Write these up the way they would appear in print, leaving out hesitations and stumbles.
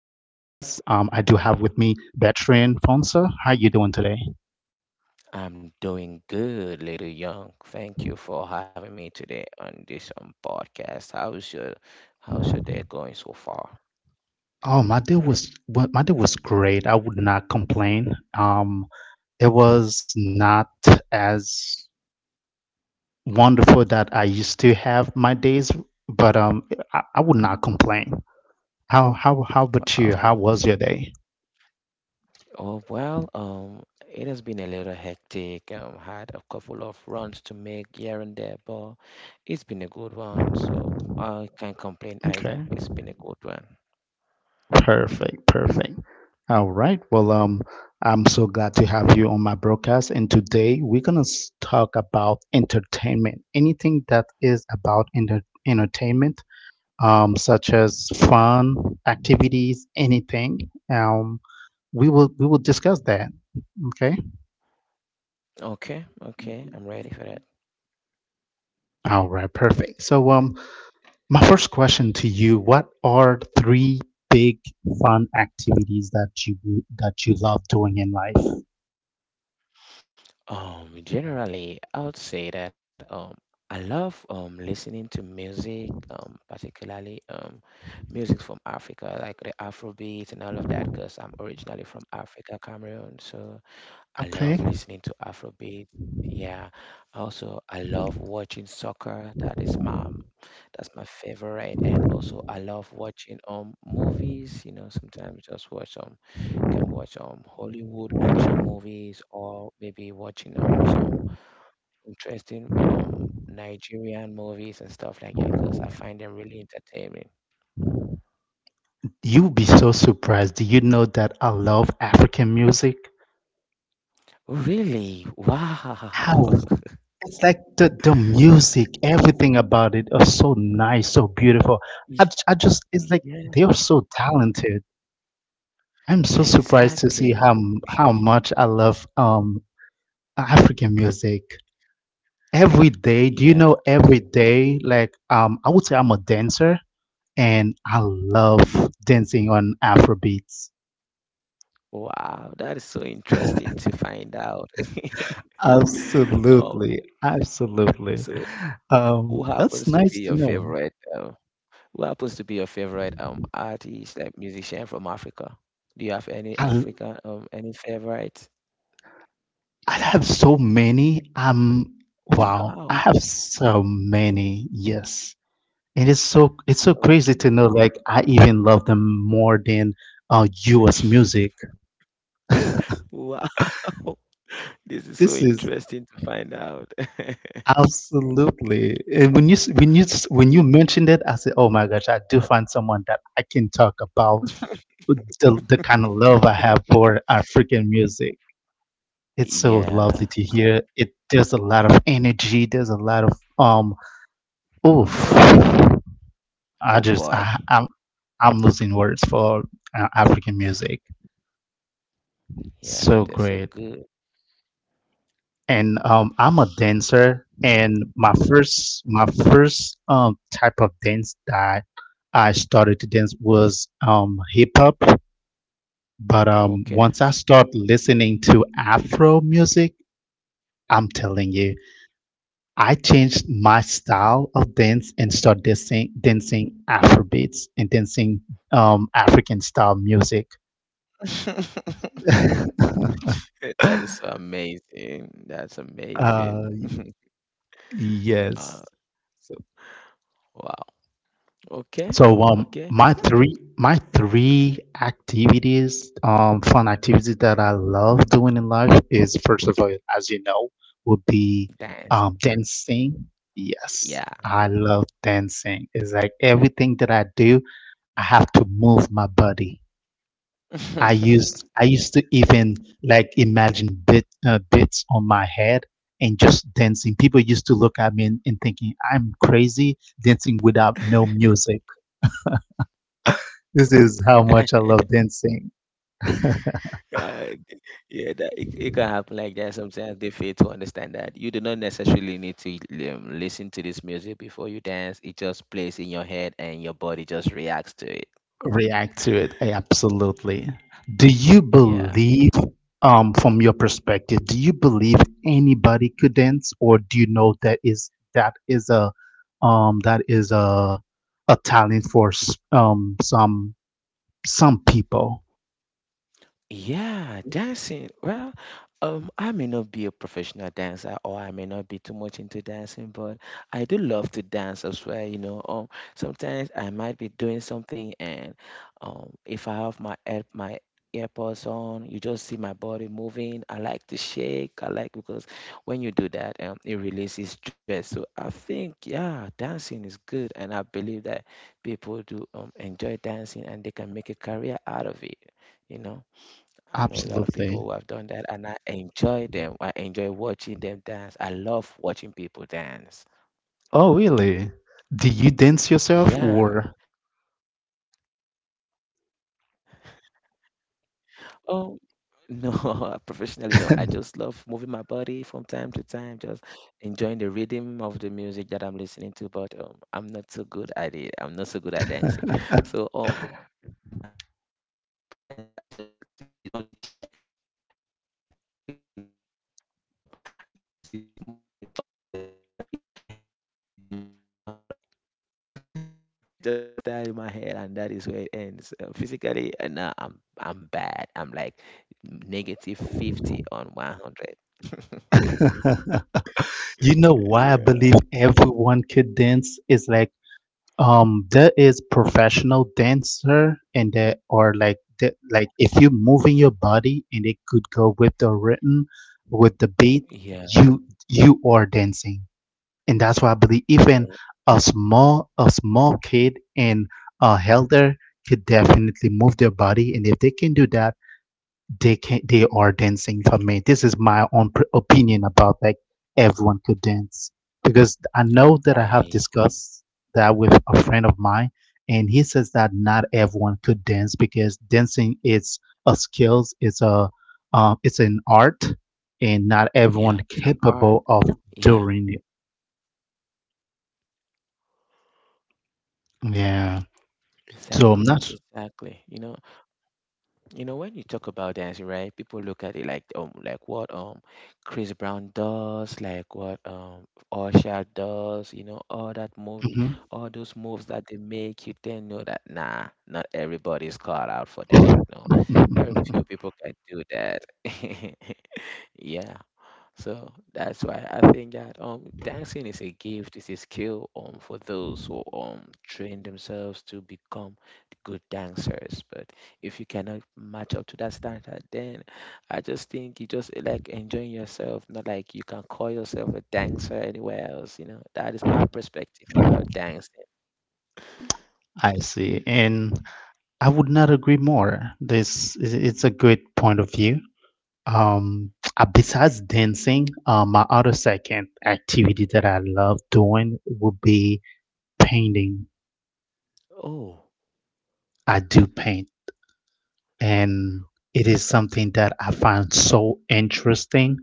I do have with me veteran Fonsa. How you doing today? I'm doing good, little young. Thank you for having me today on this podcast. How's your day going so far? Oh, my day was my day was great. I would not complain. It was not as wonderful that I used to have my days, but I would not complain. How about you? How Oh, was your day? oh well, it has been a little hectic. Had a couple of runs to make here and there, but it's been a good one. So I can't complain either. Okay. It's been a good one. Perfect, perfect. All right. Well, I'm so glad to have you on my broadcast. And today we're gonna talk about entertainment. Anything that is about entertainment, such as fun activities, anything. We will discuss that. Okay. Okay, okay, I'm ready for that. All right. Perfect. So, my first question to you: what are three big fun activities that you love doing in life? Generally, I would say that I love listening to music, particularly music from Africa, like the Afrobeat and all of that, because I'm originally from Africa, Cameroon. So I love Okay. listening to Afrobeat. Yeah. Also, I love watching soccer. That is my that's my favorite. And also, I love watching movies. You know, sometimes just watch can watch Hollywood action movies, or maybe watching some interesting Nigerian movies and stuff like that because I find them really entertaining. You'll be so surprised. Do you know that I love African music? Really? How Wow. it's like the music, everything about it is so nice, so beautiful. I, Y- j- I just it's like Yeah, they are so talented. I'm so surprised to see exactly. how how much I love African music. Every day, do you Yeah. know every day like I would say I'm a dancer and I love dancing on Afrobeats. Wow, that is so interesting to find out. Oh, Absolutely, absolutely. so who That's happens to be nice to your know. favorite um who happens to be your favorite artist, like musician from Africa? Do you have any I, African any favorite? I have so many. Wow, I Wow. have so many. Yes, and it is so it's so crazy Okay. to know. Like I even love them more than U.S. music. Wow. This is This so is interesting to find out. absolutely. And when you when you mentioned it, I said, "Oh my gosh, I do find someone that I can talk about the kind of love I have for African music." It's so lovely Yeah. to hear. It there's a lot of energy. There's a lot of um. Oof. I Oh just boy. I, I'm I'm losing words for African music. Yeah, So that's a great. good. And I'm a dancer, and my first type of dance that I started to dance was hip hop. But Okay. once I start listening to Afro music, I'm telling you. I changed my style of dance and started dancing Afrobeats and dancing African style music. That is so amazing. That's amazing. uh, Uh, yes. So, wow. Okay. so Okay. my three activities, fun activities that I love doing in life is first of all, as you know, would be Dance. Dancing. Yes, Yeah. I love dancing. It's like everything that I do I have to move my body. I used to even like imagine bit bits on my head and just dancing. People used to look at me and thinking I'm crazy dancing without no music. This is how much I love dancing. Uh, yeah, it can happen like that. Sometimes they fail to understand that you do not necessarily need to listen to this music before you dance. It just plays in your head and your body just reacts to it. react to it eh, absolutely, do you Yeah. believe from your perspective, do you believe anybody could dance, or do you know that is that is a talent for some people? Yeah, dancing. Well, I may not be a professional dancer, or I may not be too much into dancing, but I do love to dance as well, you know. Sometimes I might be doing something, and if I have my earpods on, you just see my body moving. I like to shake. I like because when you do that, it releases stress. So I think, yeah, dancing is good, and I believe that people do enjoy dancing and they can make a career out of it, you know. I know a lot of people Absolutely. who have done that, and I enjoy them. I enjoy watching them dance. I love watching people dance. Oh really, do you dance yourself Yeah. or? Oh, no, professionally, no. I just love moving my body from time to time, just enjoying the rhythm of the music that I'm listening to. But I'm not so good at it. I'm not so good at dancing. So usually when I'm in any place where people dance, I just sit on the chair and just do like I can really dance. But when I stand up, it's more like the styles are in my head, but they do not want to come out of my body. So I just dance the style in my head, and that is where it ends. Physically, nah, I'm bad. I'm like negative 50 on 100. You know why I Yeah. believe everyone could dance is like there is professional dancer and there are like the, like if you're moving your body and it could go with the rhythm with the beat, Yeah, you you are dancing, and that's why I believe even a small kid and a elder could definitely move their body, and if they can do that, they can, they are dancing. For me, this is my own opinion about like everyone could dance, because I know that I have right. discussed that with a friend of mine, and he says that not everyone could dance because dancing is a skills, it's a it's an art, and Yeah, not it's an everyone art. capable of Yeah, doing it, yeah, exactly, so I'm not. exactly. You know, when you talk about dancing, right? People look at it like what Chris Brown does, like what Usher does. You know, all that movie, Mhm. all those moves that they make. You then know that nah, not everybody's called out for that. Mhm. No, very few people can do that. Yeah. So that's why I think that dancing is a gift, it's a skill for those who train themselves to become good dancers. But if you cannot match up to that standard, then I just think you just like enjoying yourself, not like you can call yourself a dancer anywhere else, you know. That is my perspective about dancing. I see, and I would not agree more. It's a good point of view. Um, besides dancing, my other second activity that I love doing would be painting. Oh, I do paint, and it is something that I find so interesting.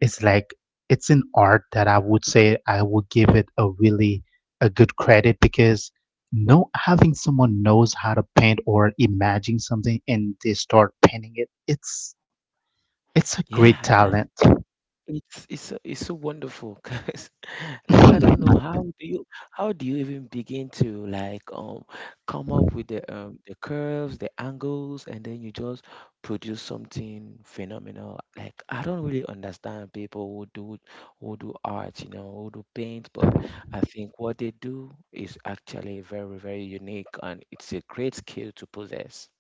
It's like it's an art that I would say I would give it a really a good credit because no having someone knows how to paint or imagine something and they start painting it, it's a great yeah, talent. it's so wonderful 'cause, like, I don't know how do you even begin to like come up with the curves, the angles, and then you just produce something phenomenal. Like, I don't really understand people who do art, you know, who do paint, but I think what they do is actually very, very unique and it's a great skill to possess.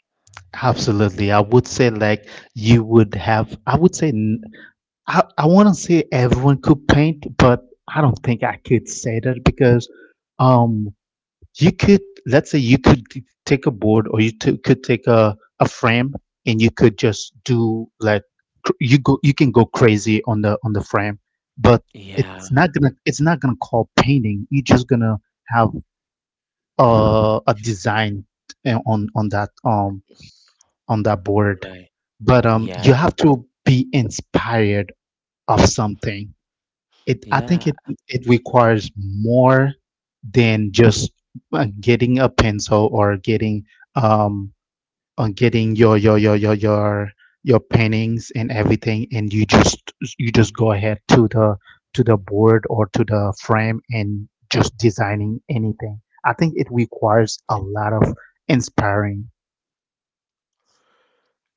Absolutely. I would say like you would have I would say I want to say everyone could paint, but I don't think I could say that because um you could, let's say you could take a board, or you could take a frame and you could just do like you go you can go crazy on the frame, but it's Yeah, not gonna it's not gonna call painting. You're just gonna have a design uh, on on that um on that board, right. but you Yeah, have to be inspired of something. It i think it yeah. it requires more than just getting a pencil or getting um on getting your paintings and everything, and you just go ahead to the board or to the frame and just designing anything. I think it requires a lot of inspiring.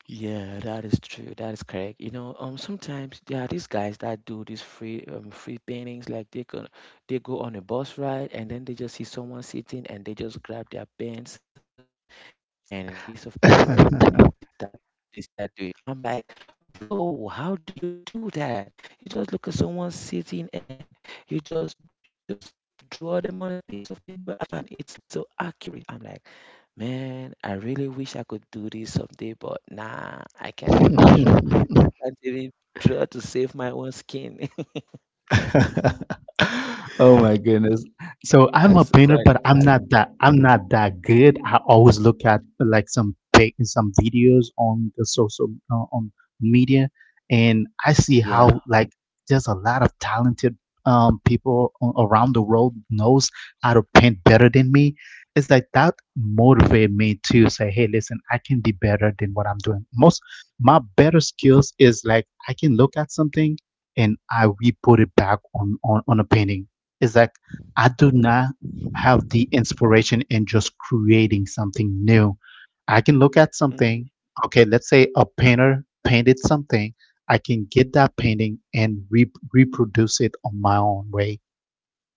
Yeah, that is true. That is correct. You know, sometimes there are these guys that do these free, free paintings. Like they go on a bus ride, and then they just see someone sitting, and they just grab their pencils and a piece of paper, and they start doing. I'm like, bro, how do you do that? You just look at someone sitting, and you just, you just draw them on a piece of paper, and it's so accurate. I'm like. Man, I really wish I could do this someday, but nah, I can't even draw. I can't even draw to save my own skin. Oh my goodness. So I'm a That's quite painter, a but I'm challenge. not that I'm not that good. I always look at like some pic some videos on the social on media, and I see Yeah. how like there's a lot of talented people around the world knows how to paint better than me. It's like that motivate me to say, hey, listen, I can be better than what I'm doing. Most my better skills is like I can look at something and I we put it back on on a painting. It's like I do not have the inspiration in just creating something new. I can look at Mm. something. Okay, let's say a painter painted something. I can get that painting and reproduce it on my own way.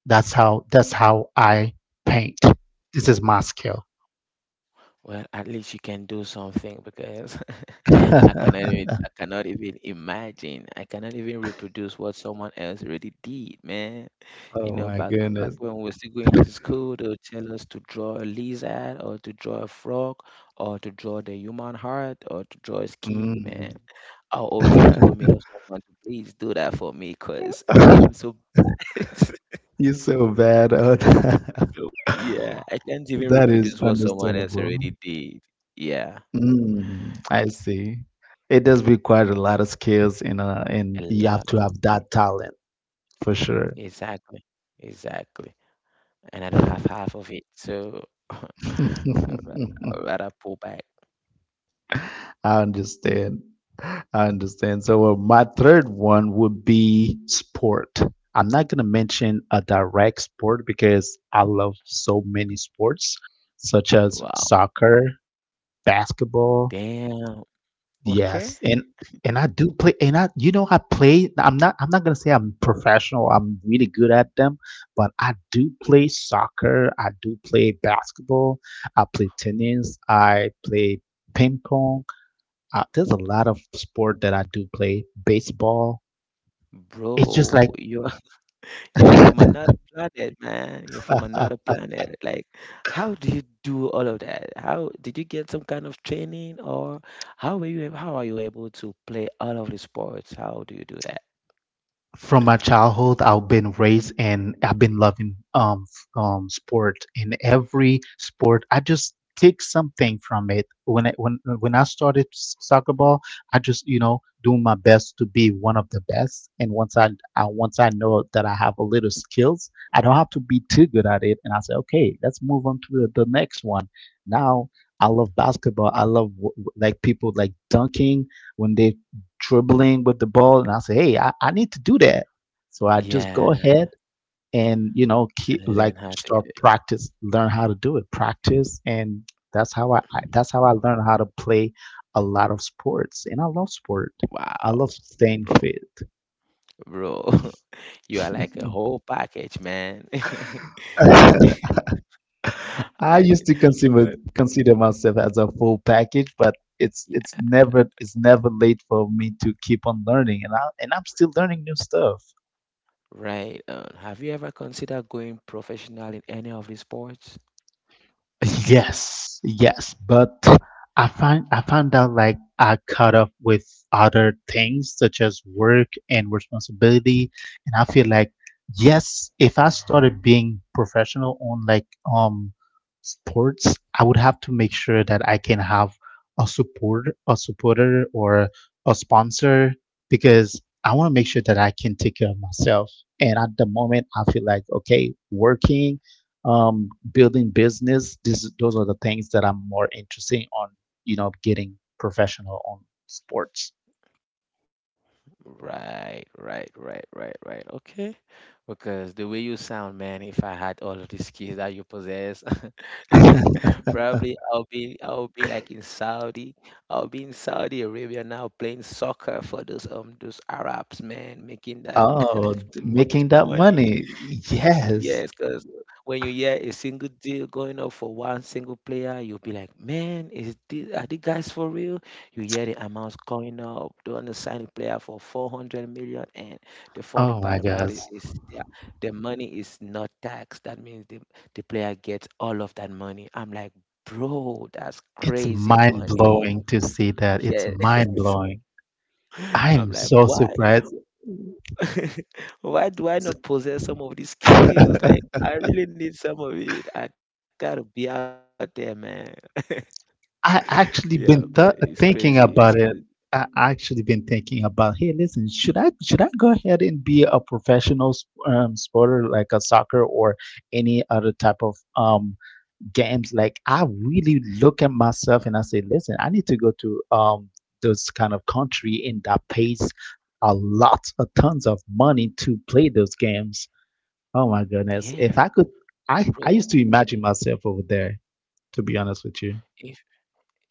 That's how I paint. This is my skill. Well, at least you can do something because I cannot even imagine. I cannot even reproduce what someone else already did, man. You know, back when we were still going to school, they would tell us to draw a lizard, or to draw a frog, or to draw the human heart, or to draw a skin. Man, I'll always have to go meet up someone to please do that for me because I'm so Yes, So yeah, I can't even that is reproduce what someone else understandable. already did. Yeah, Mm, I see. It does require a lot of skills a and you have lot. to have that talent for sure. Exactly. Exactly. And I don't have half of it. So I'd ra- I'd rather pull back. I understand. I understand. So my third one would be sport. I'm not gonna mention a direct sport because I love so many sports, such as Wow. soccer, basketball. Damn. Okay. Yes, and I do play, and I you know I play. I'm not gonna say I'm professional. I'm really good at them, but I do play soccer. I do play basketball. I play tennis. I play ping pong. There's a lot of sport that I do play. Baseball. It's just Bro, like you're you're from another planet, man. You're from another planet. Like, how do you do all of that? How did you get some kind of training, or how are you able to play all of the sports? How do you do that? From my childhood, I've been raised and I've been loving sport. In every sport, I just take something from it. When I started soccer ball, I just you know do my best to be one of the best. And once I know that I have a little skills, I don't have to be too good at it. And I say, okay, let's move on to the next one. Now I love basketball. I love like people like dunking when they dribbling with the ball, and I say, hey, I need to do that. So I just go Yeah, ahead and you know keep and like learn how to start do it. practice, learn how to do it, practice, and that's how I learned how to play a lot of sports, and I love sport. I Wow, love staying bro, fit. bro, you are like a whole package, man. Yeah, I I, used to consider well, consider myself as a full package, but it's it's yeah, never it's never late for me to keep on learning, and I'm still learning new stuff. right. Have you ever considered going professional in any of the sports? Yes, yes, but I found out like I caught up with other things such as work and responsibility, and I feel like yes, if I started being professional on like um sports, I would have to make sure that I can have a supporter or a sponsor because I want to make sure that I can take care of myself. And at the moment, I feel like okay, working building business. This, those are the things that I'm more interested on. You know, getting professional on sports. Right, right, right, right, right. Okay. Because the way you sound, man, if I had all of the skills that you possess, probably I'll be like in Saudi. I'll be in Saudi Arabia now playing soccer for those Arabs, man, making that that oh, much making that money. money. Yes. Yes, because when you hear a single deal going up for one single player, you'll be like, man, are these guys for real? You hear the amounts going up. They want to sign a player for 400 million. And the funny Oh my part about gosh. it is the money is not taxed. That means the player gets all of that money. I'm like, bro, that's It's crazy mind money. blowing to see that. It's Yes. mind blowing. I am I'm like, so why? surprised. Why do I not possess some of these skills? Like, I really need some of it. I gotta be out there, man. I Yeah, but actually it's been th crazy. It's thinking crazy. about it. I actually been thinking about, hey, listen, should I go ahead and be a professional sporter like a soccer or any other type of games? Like I really look at myself and I say, listen, I need to go to those kind of country and that pays a lot, a tons of money to play those games. Oh my goodness, Yeah, if I could, I bro. used to imagine myself over there. To be honest with you. If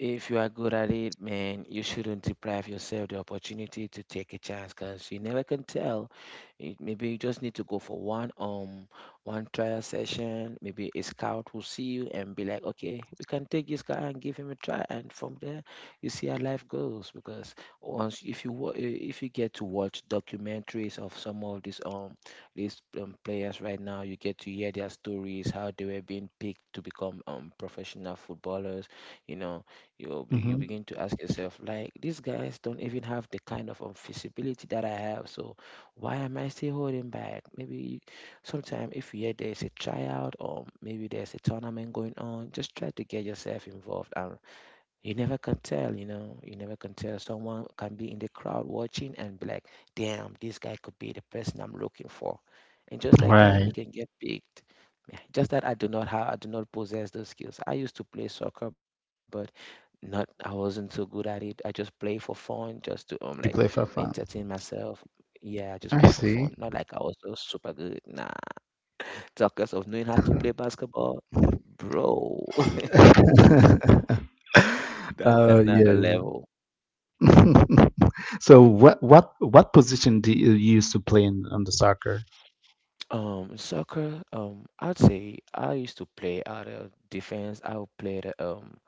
If you are good at it, man, you shouldn't deprive yourself the opportunity to take a chance because you never can tell. It, maybe you just need to go for one trial session. Maybe a scout will see you and be like, okay, we can take this guy and give him a try. And from there, you see how life goes. Because once if you get to watch documentaries of some of these players right now, you get to hear their stories, how they were being picked to become professional footballers, you know, you hmm begin to ask yourself like these guys don't even have the kind of visibility that I have. So why am I still holding back? Maybe sometime, if you hear there's a tryout, or maybe there's a tournament going on, just try to get yourself involved, and you never can tell. You know, you never can tell, someone can be in the crowd watching and be like, damn, this guy could be the person I'm looking for, and just like that Right. you can get picked. Yeah, just that I do not have, I do not possess those skills. I used to play soccer, but not I wasn't so good at it. I just play for fun, just to like entertain myself. Yeah, I just play for fun. Not like I was so super good. Nah. Talkers of knowing how to play basketball, bro, that's Uh, another yeah. level. So what position do you used to play in on the soccer? Soccer, I'd say I used to play out of defense. I would play the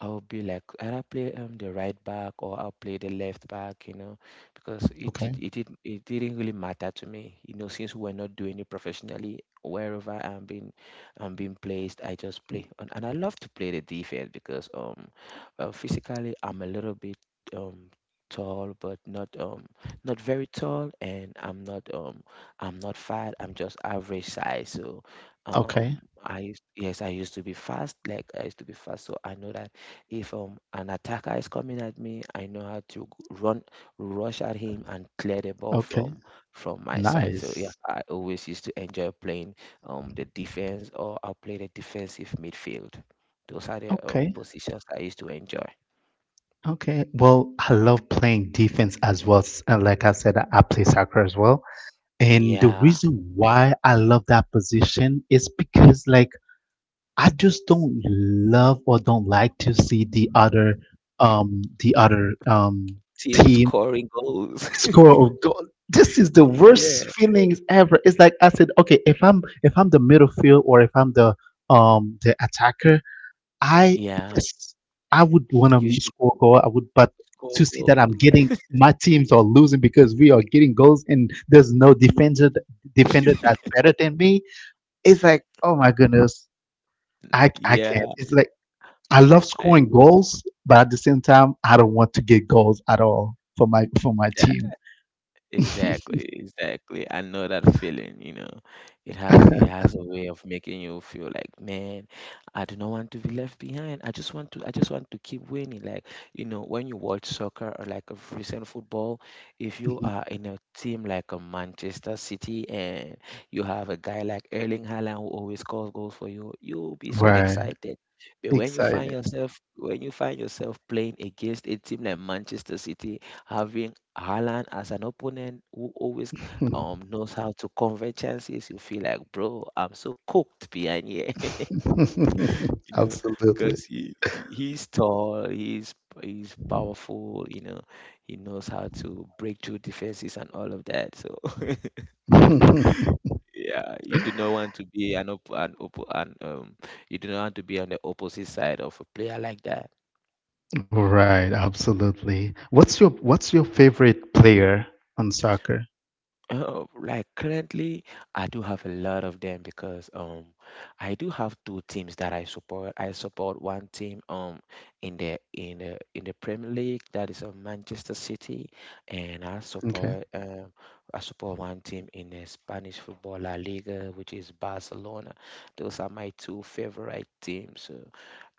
I'll be like, I'll play the right back or I'll play the left back, you know, because it Okay. did it did it didn't really matter to me, you know, since we're not doing it professionally. Wherever I'm being placed, I just play, and I love to play the defense because physically I'm a little bit um tall, but not very tall, and I'm not fat. I'm just average size, so. Okay. Yes, I used to be fast, like I used to be fast, so I know that if an attacker is coming at me, I know how to run, rush at him, and clear the ball Okay. From my side. So yeah, Nice. I always used to enjoy playing the defense, or I'll play the defensive midfield. Those are the Okay. positions I used to enjoy. Okay. Well, I love playing defense as well. Like I said, I play soccer as well. And the Yeah, reason why I love that position is because I just don't love or don't like to see the other the other team team scoring goals. score a goal. This is the yeah, worst feelings ever. It's like I said, okay, if I'm the middle field or if I'm the attacker, I yeah, yes, I would want to you should score a goal. I would, but score to see that goals. I'm getting my teams are losing because we are getting goals and there's no defender that's better than me. It's like, oh my goodness, I yeah, can't. It's like I love scoring and goals, but at the same time, I don't want to get goals at all for my team. exactly, exactly. I know that feeling, you know. It has it has a way of making you feel like, man, I do not want to be left behind. I just want to keep winning. Like, you know, when you watch soccer or like a recent football, if you are in a team like a Manchester City and you have a guy like Erling Haaland who always scores goals for you, you'll be so Right. excited. But when you find Excited. yourself when you find yourself playing against a team like Manchester City, having Haaland as an opponent who always knows how to convert chances, you feel like, bro, I'm so cooked behind here, you know, Absolutely. because he's tall, he's powerful, you know, he knows how to break through defenses and all of that. So yeah, you do not want to be an op- an, op- an you do not want to be on the opposite side of a player like that. Right, absolutely. What's your favorite player on soccer? Like currently, I do have a lot of them because I do have two teams that I support. I support one team in the Premier League that is of Manchester City, and Okay. I support one team in the Spanish football La Liga, which is Barcelona. Those are my two favorite teams. So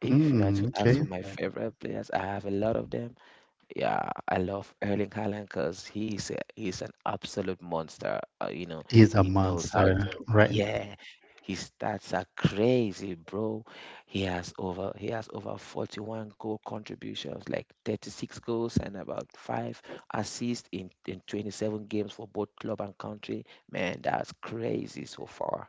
if you had to okay. ask for my favorite players, I have a lot of them. Yeah, I love Erling Haaland because he's an absolute monster. You know, He's he a knows how to. monster, right? Yeah, his stats are crazy, bro. He has over 41 goal contributions, like 36 goals and about five assists in 27 games for both club and country. Man, that's crazy so far.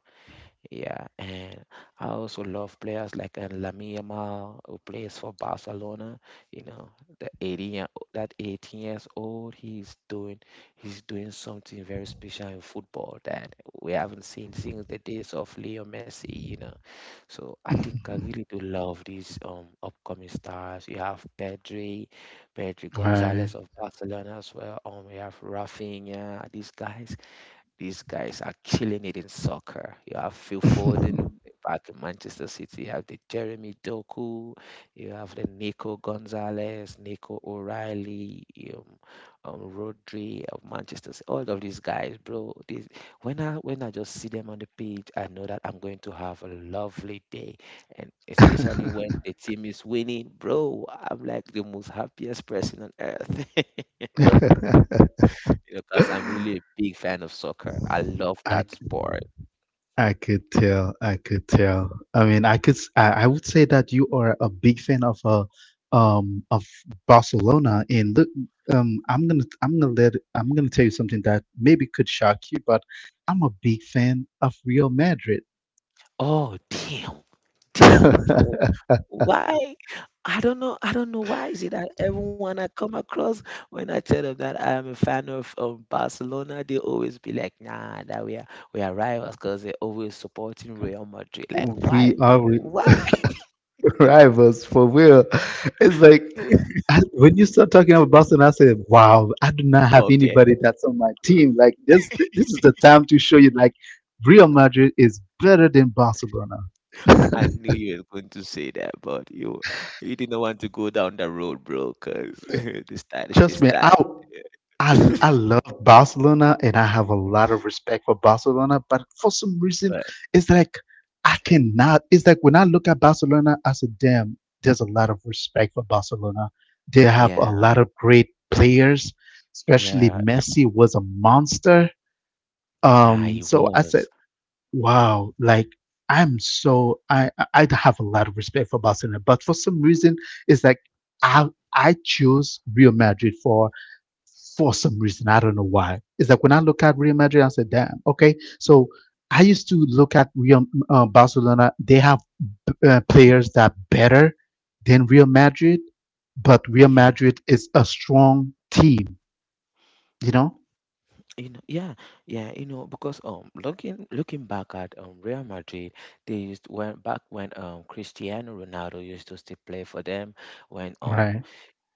Yeah, and I also love players like Lamine Yamal, who plays for Barcelona. You know, the 18 year- that 18 years old, he's doing something very special in football that we haven't seen since the days of Leo Messi. You know, so I think I really do love these upcoming stars. You have Pedri, Pedri Right. Gonzalez of Barcelona as well. You have Rafinha. These guys are killing it in soccer. You have Phil Foden back in Manchester City. You have the Jeremy Doku. You have the Nico Gonzalez, Nico O'Reilly, um, Rodri of Manchester City. All of these guys, bro. These, when I just see them on the pitch, I know that I'm going to have a lovely day. And especially when the team is winning, bro, I'm like the most happiest person on earth, because I'm really a big fan of soccer. I love I that sport. I could tell. I could tell. I mean, I could. S- I would say that you are a big fan of Barcelona. And look, I'm gonna tell you something that maybe could shock you, but I'm a big fan of Real Madrid. Oh, damn. Damn, bro. Why? I don't know. I don't know why is it that everyone I come across when I tell them that I am a fan of Barcelona, they always be like, "Nah, that we are rivals," because they're always supporting Real Madrid. Like, We why? are. Why? rivals for real. It's like I, when you start talking about Boston, I said, "Wow, I do not have Okay, anybody that's on my team." Like this is the time to show you like Real Madrid is better than Barcelona. I knew you were going to say that, but you didn't want to go down that road, bro, because this stat is Trust this me, that. I love Barcelona and I have a lot of respect for Barcelona, but for some reason, But it's like I cannot. It's like when I look at Barcelona, I said, "Damn, there's a lot of respect for Barcelona. They have yeah, a lot of great players, especially yeah, Messi was a monster." yeah, he So I said, was. "Wow, like." I'm so I have a lot of respect for Barcelona, but for some reason it's like I I choose Real Madrid for some reason. I don't know why. It's like when I look at Real Madrid, I said, damn, okay. So I used to look at Real Barcelona. They have players that are better than Real Madrid, but Real Yeah. Madrid is a strong team, you know? You know, yeah, yeah, you know, because looking back at Real Madrid, they used when back when Cristiano Ronaldo used to still play for them when Right.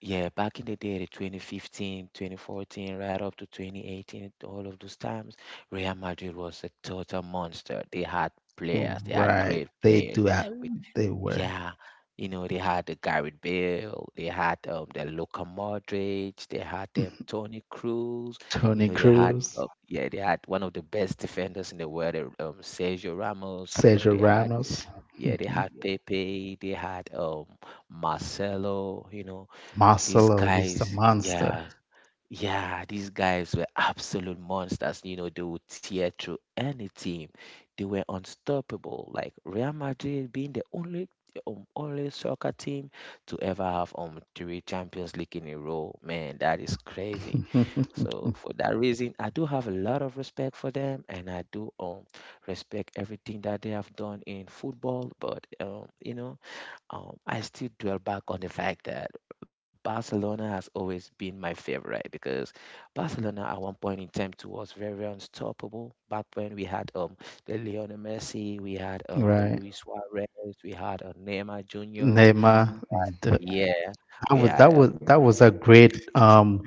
yeah, back in the day, the 2015, 2014, right up to 2018, all of those times, Real Madrid was a total monster. They had players, they had Right. great They players. do that. We They were. Yeah, you know, they had the Gareth Bale, they had the Luka Modric, they had Tony Cruz, you Tony know, they had Cruz, yeah, they had one of the best defenders in the world, Sergio Ramos, you know, Sergio they had Ramos, yeah, they hmm had Pepe, they had Marcelo, you know, these Marcelo, he's a guys, monster. yeah, yeah, these guys were absolute monsters. You know, they would tear through any team. They were unstoppable. Like Real Madrid being the only soccer team to ever have three Champions League in a row. Man, that is crazy. So for that reason, I do have a lot of respect for them, and I do respect everything that they have done in football. But you know, I still dwell back on the fact that Barcelona has always been my favorite because Barcelona at one point in time too was very unstoppable. Back when we had the Lionel Messi, we had the Right. Luis Suarez, we had Neymar Jr. Neymar, Yeah, That we was had that was that was a great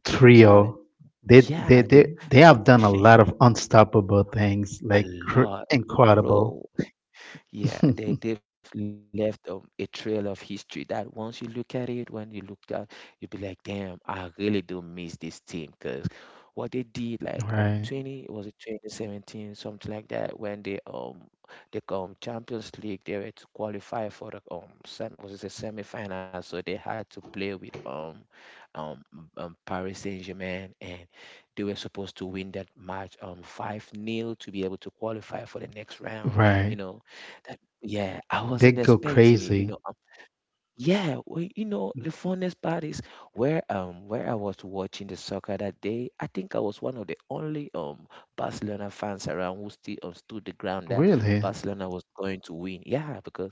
trio. talent. They they Yeah, they they have done a lot they, of unstoppable things, a lot, incredible. bro. Yeah, they've left a trail of history that once you look at it, when you look at, you'll be like, damn, I really do miss this team because what they did, like um, Right, 20, was it 2017, something like that, when they the Champions League, they were to qualify for the sem was it a semifinal, so they had to play with um, Paris Saint-Germain, and they were supposed to win that match 5 nil to be able to qualify for the next round, right. and you know. Yeah, I They wasn't go expecting it, you crazy. know. Yeah, well, you know, the funnest part is where I was watching the soccer that day. I think I was one of the only Barcelona fans around who still understood the ground that Really. Barcelona was going to win. Yeah, because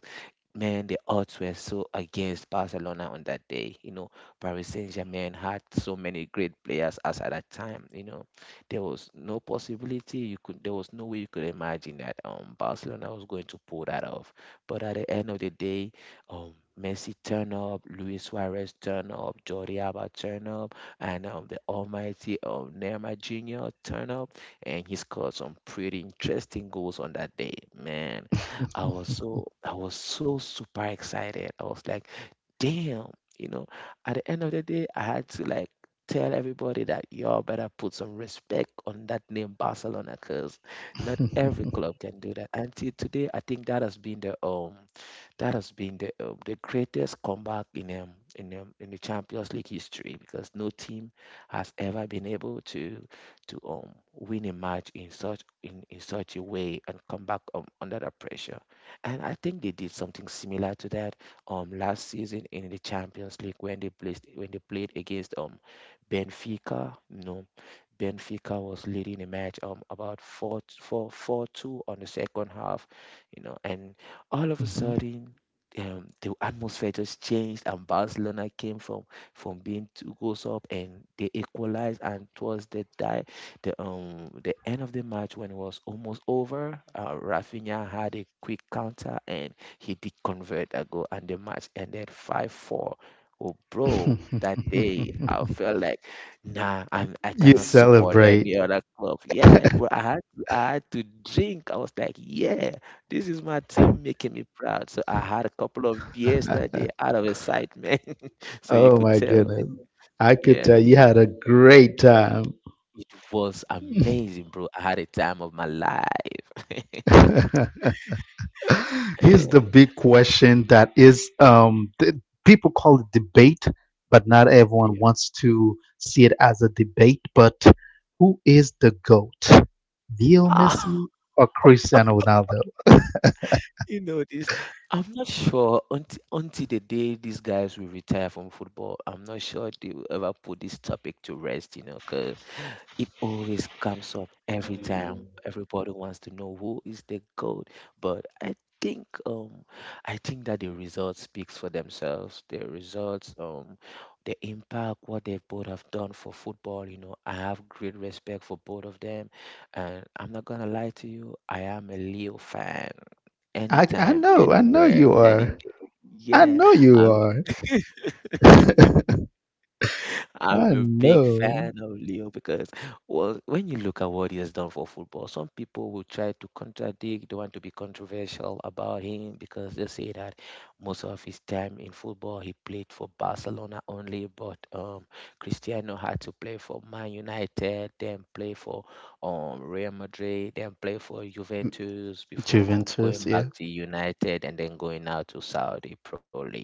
man, the odds were so against Barcelona on that day. You know, Paris Saint-Germain had so many great players as at that time. You know, there was no possibility you could, there was no way you could imagine that Barcelona was going to pull that off. But at the end of the day, Messi turn up, Luis Suarez turn up, Jordi Alba turn up, and the almighty Neymar Jr. turn up, and he scored some pretty interesting goals on that day. Man, I was so super excited. I was like, damn, you know, at the end of the day, I had to like tell everybody that y'all better put some respect on that name Barcelona because not every club can do that. Until today, I think that has been the the greatest comeback in in the Champions League history because no team has ever been able to win a match in such a way and come back under that pressure. And I think they did something similar to that last season in the Champions League when they played against Benfica. You know, Benfica was leading the match about 4 4 4 2 on the second half, you know, and all of a Mhm. sudden the atmosphere just changed and Barcelona came from being two goals up and they equalized and towards the end of the match when it was almost over Rafinha had a quick counter and he did convert a goal and the match ended 5-4. Oh, bro, that day I felt like, nah, I You cannot support celebrate. any other club. Yeah, bro, I had to drink. I was like, yeah, this is my team making me proud. So I had a couple of beers that day out of excitement. So you Oh could my tell that, goodness. I could yeah, tell you had a great time. it was amazing, bro. I had a time of my life. Here's the Yeah. big question that is people call it debate, but not everyone Yeah. wants to see it as a debate. But who is the GOAT? Leo Ah, Messi or Cristiano Ronaldo? you know this. I'm not sure until the day these guys will retire from football. I'm not sure they will ever put this topic to rest, you know, 'cause it always comes up every time. Everybody wants to know who is the goat, but think um I think that the results speaks for themselves. The results, the impact what they both have done for football. You know, I have great respect for both of them, and I'm not gonna lie to you. I am a Leo fan. Anytime, I know anywhere, you are. anything. I Yeah, know you I'm. are. I I'm a big know. fan of Leo because, well, when you look at what he has done for football, some people will try to contradict, they want to be controversial about him because they say that most of his time in football he played for Barcelona only, but Cristiano had to play for Man United, then play for Real Madrid, then play for Mm, Juventus before Juventus, going back yeah. to United and then going out to Saudi Pro League.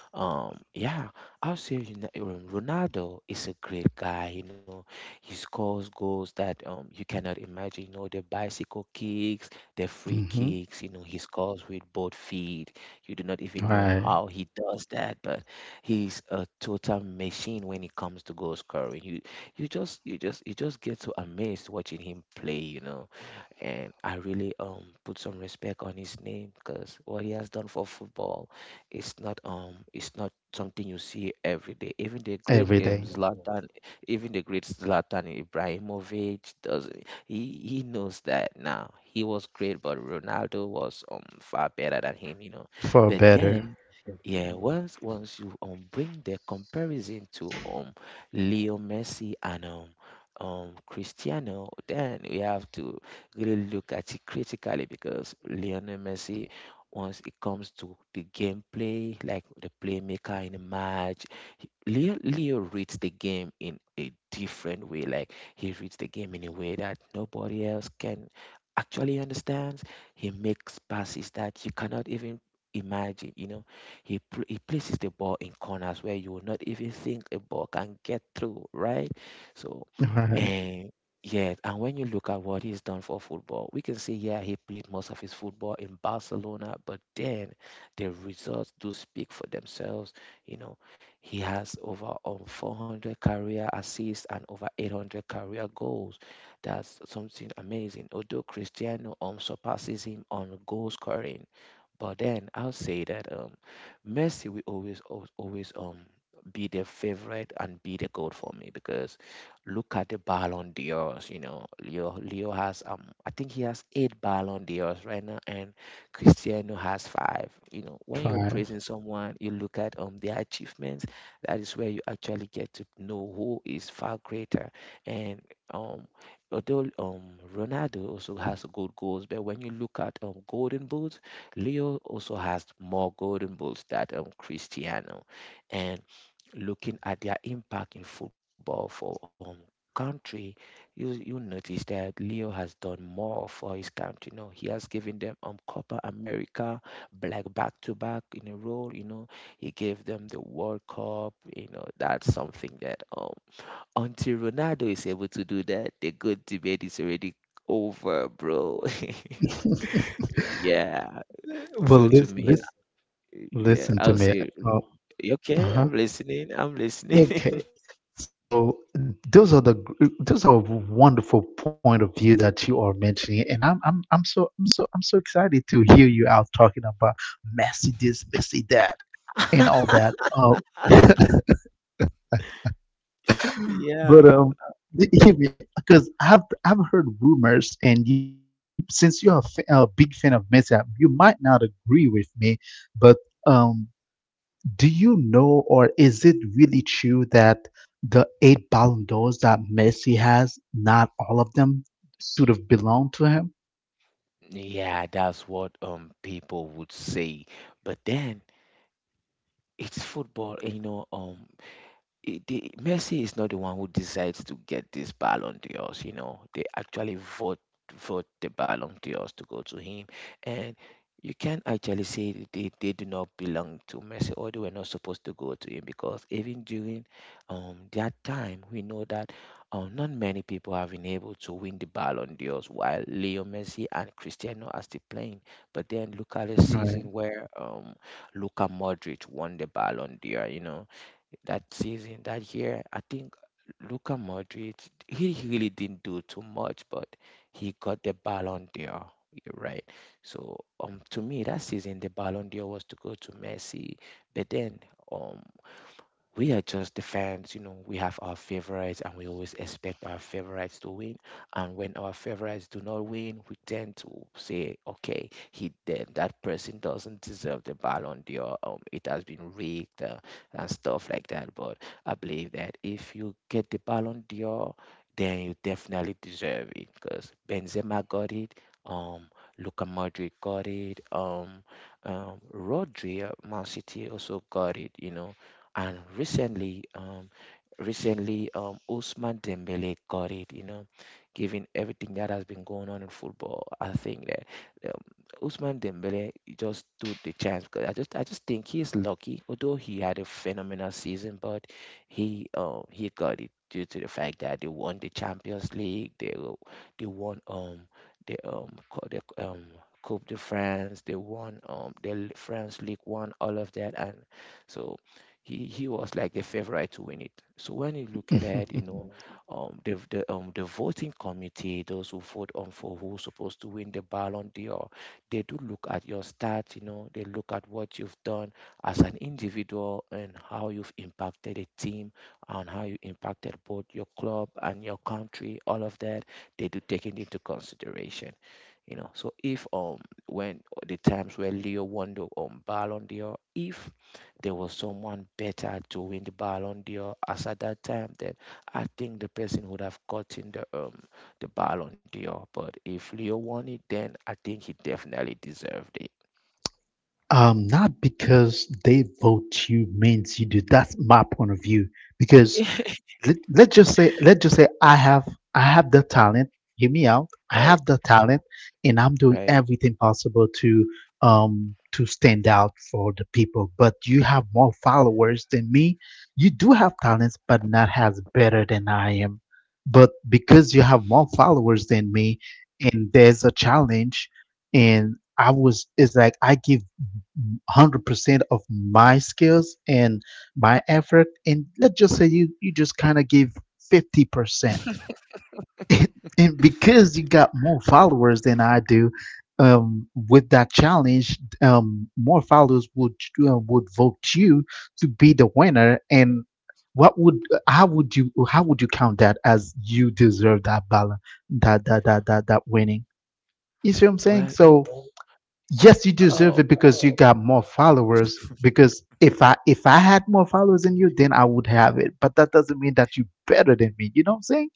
Yeah, I'll say Ronaldo is a great guy. You know, he scores goals that you cannot imagine. You know, the bicycle kicks, the free Mm-hmm. kicks. You know, he scores with both feet. You do not even know Right. how he does that, but he's a total machine when it comes to goal scoring. You just get so amazed watching him play. You know, and I really put some respect on his name because what he has done for football it's not it's not something you see every day. Even the great Every day Zlatan, even the great Zlatan Ibrahimovic does he knows that now. He was great, but Ronaldo was far better than him, you know. for But better. then, yeah, once you bring the comparison to Leo Messi and Cristiano, then we have to really look at it critically because Lionel Messi once it comes to the gameplay, like the playmaker in a match. Leo reads the game in a different way. Like he reads the game in a way that nobody else can actually understand. He makes passes that you cannot even imagine. You know, he places the ball in corners where you will not even think a ball can get through. Right, so. Right. And yes, and when you look at what he's done for football, we can see, yeah, he played most of his football in Barcelona, but then the results do speak for themselves. You know, he has over 400 career assists and over 800 career goals. That's something amazing. Although Cristiano surpasses him on goal scoring, but then I'll say that Messi will always, always, always be the favorite and be the goat for me because look at the Ballon d'Ors. You know, Leo has I think he has eight Ballon d'Ors right now, and Cristiano has five. You know, when you're Five. praising someone, you look at their achievements. That is where you actually get to know who is far greater. And um, although Ronaldo also has good goals, but when you look at Golden Boots, Leo also has more golden balls than Cristiano. And looking at their impact in football for country, you notice that Leo has done more for his country. You know, he has given them Copa America, black back to back in a row. You know, he gave them the World Cup. You know, that's something that until Ronaldo is able to do that, the good debate is already over, bro. Yeah. Well, So to listen, me, yeah, listen to I'll me. say, Oh, okay, uh-huh. I'm listening, I'm listening. Okay. So those are those are wonderful point of view that you are mentioning, and I'm so excited to hear you out talking about messy this, messy that, and all that. But Yeah. Hear me, because I've heard rumors, and you could since you're a big fan of messy, you might not agree with me, but. Um. Do you know, or is it really true that the eight Ballon d'Ors that Messi has, not all of them sort of belong to him? Yeah, that's what people would say. But then it's football, you know, it- the, Messi is not the one who decides to get this Ballon d'Ors. You know, they actually vote the Ballon d'Ors to go to him, and you can actually say that they do not belong to Messi or they were not supposed to go to him because even during that time we know that not many people have been able to win the Ballon d'Ors while Leo Messi and Cristiano are still playing. But then look at the Right. season where Luka Modric won the Ballon d'Or. You know that season, that year. I think Luka Modric, he really didn't do too much, but he got the Ballon d'Or. You're right. So to me, that season the Ballon d'Or was to go to Messi, but then um, we are just the fans, you know, we have our favorites and we always expect our favorites to win. And when our favorites do not win, we tend to say, okay, he did, that person doesn't deserve the Ballon d'Or. It has been rigged and stuff like that. But I believe that if you get the Ballon d'Or, then you definitely deserve it because Benzema got it. Um, Luka Modric got it. Rodri, at Man City also got it. You know, and recently, Usman Dembele got it. You know, given everything that has been going on in football, I think that um, Usman Dembele just took the chance because I just think he is lucky. Although he had a phenomenal season, but he got it due to the fact that they won the Champions League. They won, the, um, co- the, um. Coupe de France, they won the France League, won all of that, and so he was like a favorite to win it. So when you look at that, you know, the voting committee, those who vote on for who's supposed to win the Ballon d'Or, they do look at your stats. You know, they look at what you've done as an individual and how you've impacted a team and how you impacted both your club and your country. All of that they do take it into consideration. You know, so if when the times where Leo won the Ballon d'Or, if there was someone better to win the Ballon d'Or. As at that time, then I think the person would have gotten the Ballon d'Or. But if Leo won it, then I think he definitely deserved it, not because they vote you means you do. That's my point of view. Because let's just say I have the talent. Hear me out. I right. have the talent, and I'm doing Right? everything possible to stand out for the people. But you have more followers than me. You do have talents, but not as better than I am. But because you have more followers than me, and there's a challenge, and I was, it's like I give 100% of my skills and my effort and let's just say you just kind of give 50% and and because you got more followers than I do, with that challenge, more followers would, would vote you to be the winner. And what would how would you, how would you count that as you deserve that ballot that that that that, that winning? You see what I'm Well, saying? you So yes, you know, deserve it because you got more followers, because if I had more followers than you, then I would have it, but that doesn't mean that you're better than me. You know what I'm saying?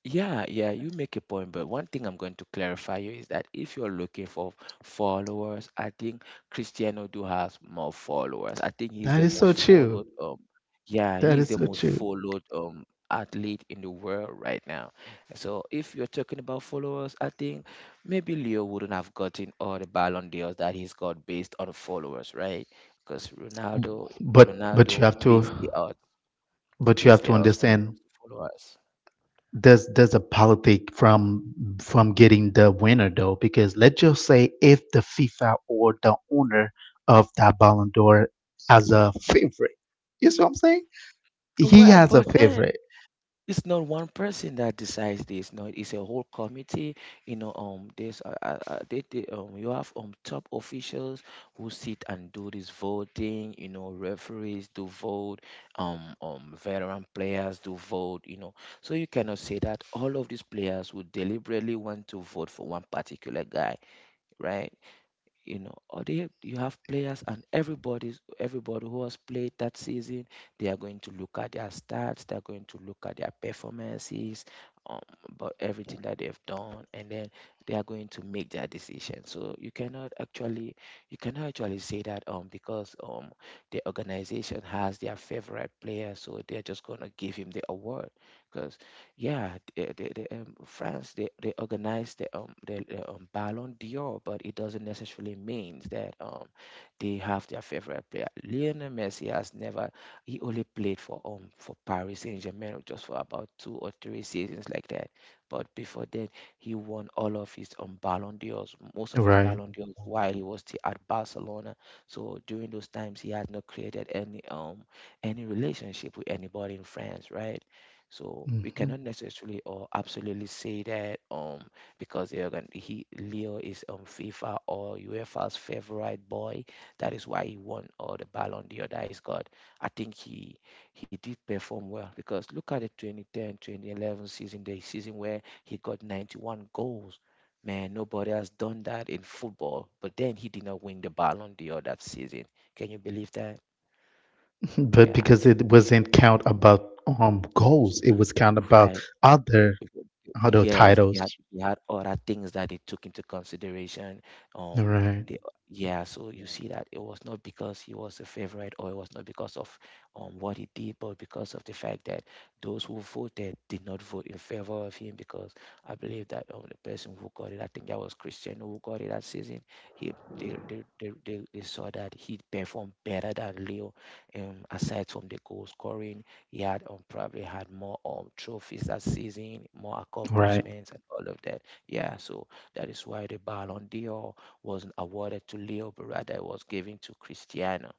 yeah, yeah, you make a point, but one thing I'm going to clarify you is that if you're looking for followers, I think Cristiano do has more followers. I think he's That the is so most true. followed yeah, That he's is the so most true. followed athlete in the world right now. So if you're talking about followers, I think maybe Leo wouldn't have gotten all the Ballon d'Ors that he's got based on followers, right? Because B- but but you Ronaldo have to, beats the odds. He but you beats have the to odds when it understand comes to followers. there's a politic from getting the winner though, because let's just say if the FIFA or the owner of that Ballon d'Or has a favorite. You see what I'm saying? He Well, has a but then favorite. it's not one person that decides this, no, it's a whole committee, you know, you have top officials who sit and do this voting, you know, referees do vote, veteran players do vote, you know, so you cannot say that all of these players would deliberately want to vote for one particular guy, right? You know, or they, you have players and everybody who has played that season, they are going to look at their stats, they're going to look at their performances, um, about everything that they've done, and then they are going to make their decision. So you cannot actually say that because the organization has their favorite player, so they're just gonna give him the award. Yeah, they organize the Ballon d'Or, but it doesn't necessarily mean that they have their favorite player. Lionel Messi has never he only played for Paris Saint-Germain just for about two or three seasons like that. But before then, he won all of his Ballon d'Ors, most of his Right. Ballon d'Ors while he was still at Barcelona. So during those times, he has not created any relationship with anybody in France, right? So we cannot necessarily or absolutely say that because they are going he Leo is FIFA or UEFA's favorite boy. That is why he won all the Ballon d'Or that he's got. I think he did perform well because look at the 2010 2011 season, the season where he got 91 goals. Man, nobody has done that in football. But then he did not win the Ballon d'Or that season. Can you believe that? But Yeah, because it wasn't count about goals, Ye- it was count about right. other other Yes, titles. They had other things that they took into consideration. Um, Right, they yeah, so you see that it was not because he was a favorite or it was not because of what he did, but because of the fact that those who voted did not vote in favor of him because I believe that the person who got it, I think that was Cristiano who got it that season. He they saw that he performed better than Leo aside from the goal scoring he had probably had more trophies that season, more right. accomplishments, and all of that. Yeah, so that is why the Ballon d'Or wasn't awarded to Leo, but rather it was given to Cristiano,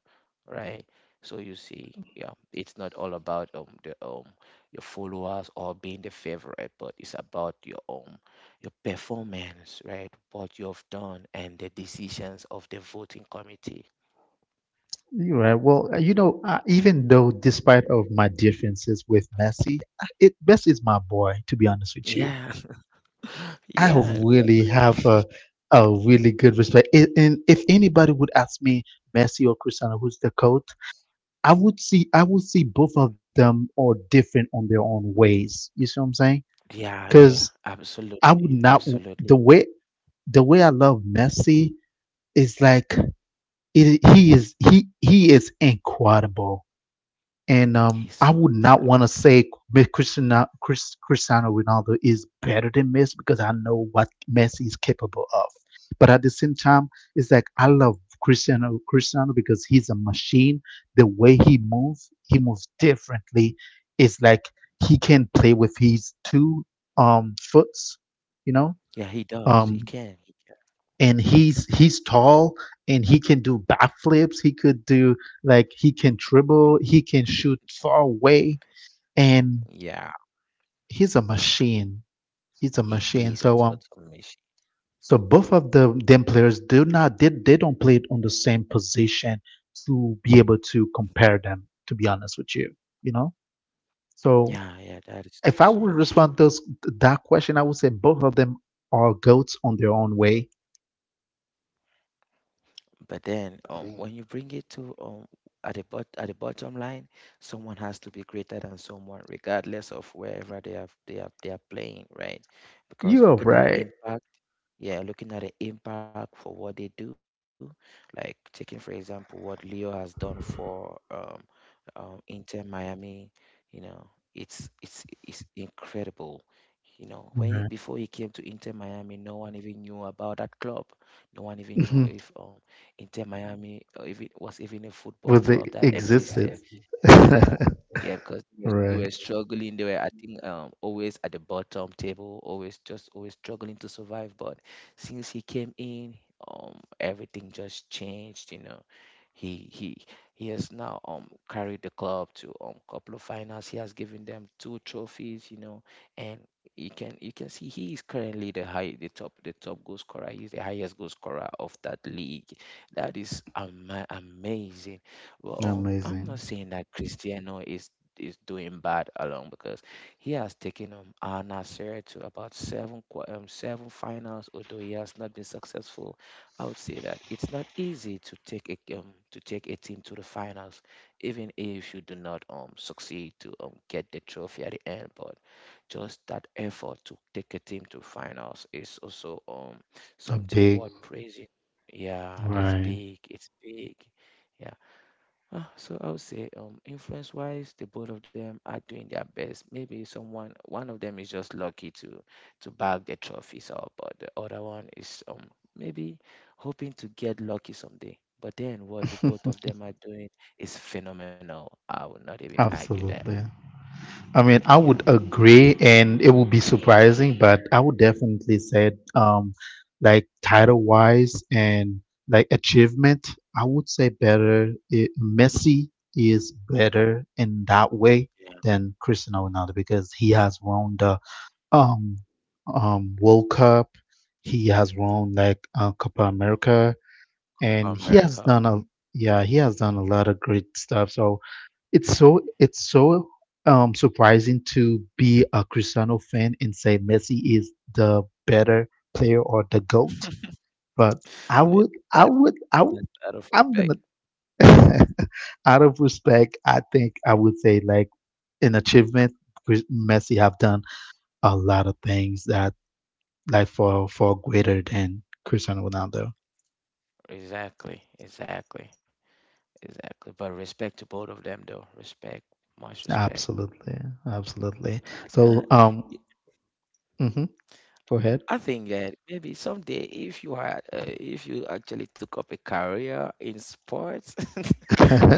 right? So you see, yeah, it's not all about the your followers or being the favorite, but it's about your performance, right? What you have done and the decisions of the voting committee. You're right. Well, you know, even though despite of my differences with Messi, I- it Messi is my boy. To be honest with you, Yeah, I yeah, really have a really good respect. And if anybody would ask me Messi or Cristiano, who's the coach, I would see both of them are different on their own ways. You see what I'm saying? yeah, yeah, absolutely, I would not, absolutely. the way the way I love Messi is like he is, he is incredible, and He's so I would not incredible. want to say Cristiano Ronaldo is better than Messi because I know what Messi is capable of, but at the same time it's like I love Cristiano because he's a machine. The way he moves differently. It's like he can play with his two foots, you know, Yeah, he does. He um can. He and he's tall, and he can do backflips. He could do Like he can dribble. He can shoot far away, and can. Yeah, he's a machine. He's a he machine. is a So total machine. so both of the them players do not, they don't play it on the same position to be able to compare them. To be honest with you, you know. So Yeah, yeah, that is if I would absolutely true. respond those that question, I would say both of them are goats on their own way. But then, when Mm. you bring it to at the bot at the bottom line, someone has to be greater than someone, regardless of wherever they are playing, right? You Because are looking at right. impact, yeah, looking at the impact for what they do, like taking for example what Leo has done for Inter Miami, you know, it's incredible. You know, before he Mhm. came to Inter Miami, no one even knew about that club. No one even knew if Inter Miami, or if it was even a football Well, club that they existed. existed. Yeah, yeah, because they were Right. struggling. They were, I think, always at the bottom table, always struggling to survive. But since he came in, everything just changed. You know, he he has now carried the club to couple of finals. He has given them 2 trophies. You know, and you can see he is currently the high the top goal scorer. He's the highest goal scorer of that league. That is amazing. Well, I'm not Amazing. saying that Cristiano is doing bad alone because he has taken Al Nassr to about 7 finals, although he has not been successful. I would say that it's not easy to take a team to the finals, even if you do not succeed to get the trophy at the end. But just that effort to take a team to finals is also A something big. worth praising. Yeah, it's Right. big. It's big. Yeah. So I would say, influence wise, the both of them are doing their best. One of them is just lucky to bag the trophies up, but the other one is maybe hoping to get lucky someday. But then what the both of them are doing is phenomenal. I would not even argue that. Absolutely. I mean, I Yeah, would agree, and it would be surprising, but I would definitely say, like title wise and like achievement, I would say better. Messi is better in that way yeah, than Cristiano Ronaldo because he has won the um World Cup. He has won like Copa America, Copa and he has America. done a, yeah, he has done a lot of great stuff. So it's so, surprising to be a Cristiano fan and say Messi is the better player or the goat. But I would That, I that would I w- that's out of I'm respect. gonna out of respect, I think I would say like an achievement Messi have done a lot of things that for greater than Cristiano Ronaldo. Exactly, exactly, exactly. But respect to both of them, though. Respect, much respect. Absolutely, absolutely. Like that. So, Y- hmm go ahead. I think that maybe someday, if you had, if you actually took up a career in sports,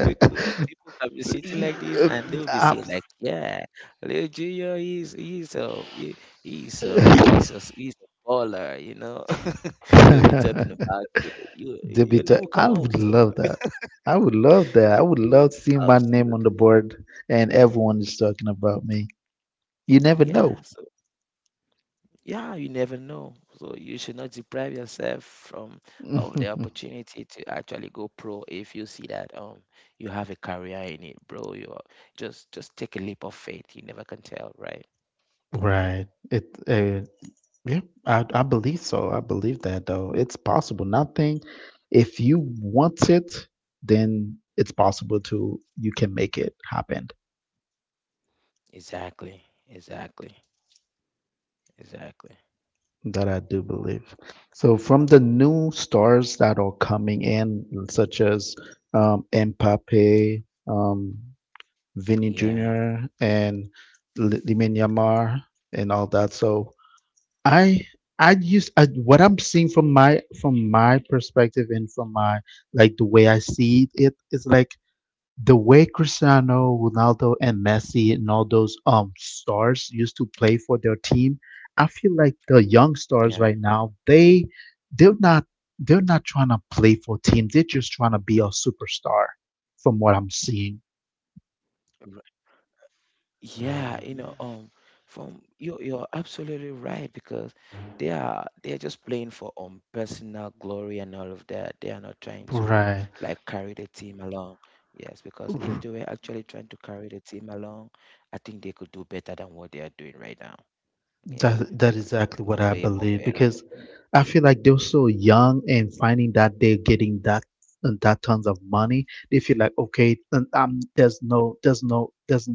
we could people can be sitting like this and they'll be saying Abs- like, "Yeah, Lil Junior is he's a he- he's a he's a he's a baller," you know. They'll be talking about you. That You, your Debuter, name will I come up. would So love that. I would love that. I would love seeing my name on the absolutely, board and everyone is talking about me. You never know. yeah. Yeah, you never know. So you should not deprive yourself from of the opportunity to actually go pro if you see that you have a career in it, bro. Just take a leap of faith. You never can tell, right? Right. It Yeah, I believe so. I believe that though. It's possible. Nothing, if you want it, then it's possible to, you can make it happen. Exactly. Exactly. Exactly. That I do believe. So from the new stars that are coming in, such as Mbappe, um, Vinny Yeah. Jr., and Lamine Yamal, and all that. So I what I'm seeing from my perspective and from my, like the way I see it, is like the way Cristiano Ronaldo and Messi and all those stars used to play for their team. I feel like the young stars right Yeah. now, they're not they're not trying to play for teams. They're just trying to be a superstar, from what I'm seeing. Yeah, you know, you're absolutely right because they are just playing for personal glory and all of that. They are not trying to Right. like carry the team along. Yes, because if they were actually trying to carry the team along, I think they could do better than what they are doing right now. Yeah, That, that they is could do exactly what more, I way more believe better. because I feel like they're so young and finding that they're getting that, that tons of money. They feel like okay, there's no, there's no there's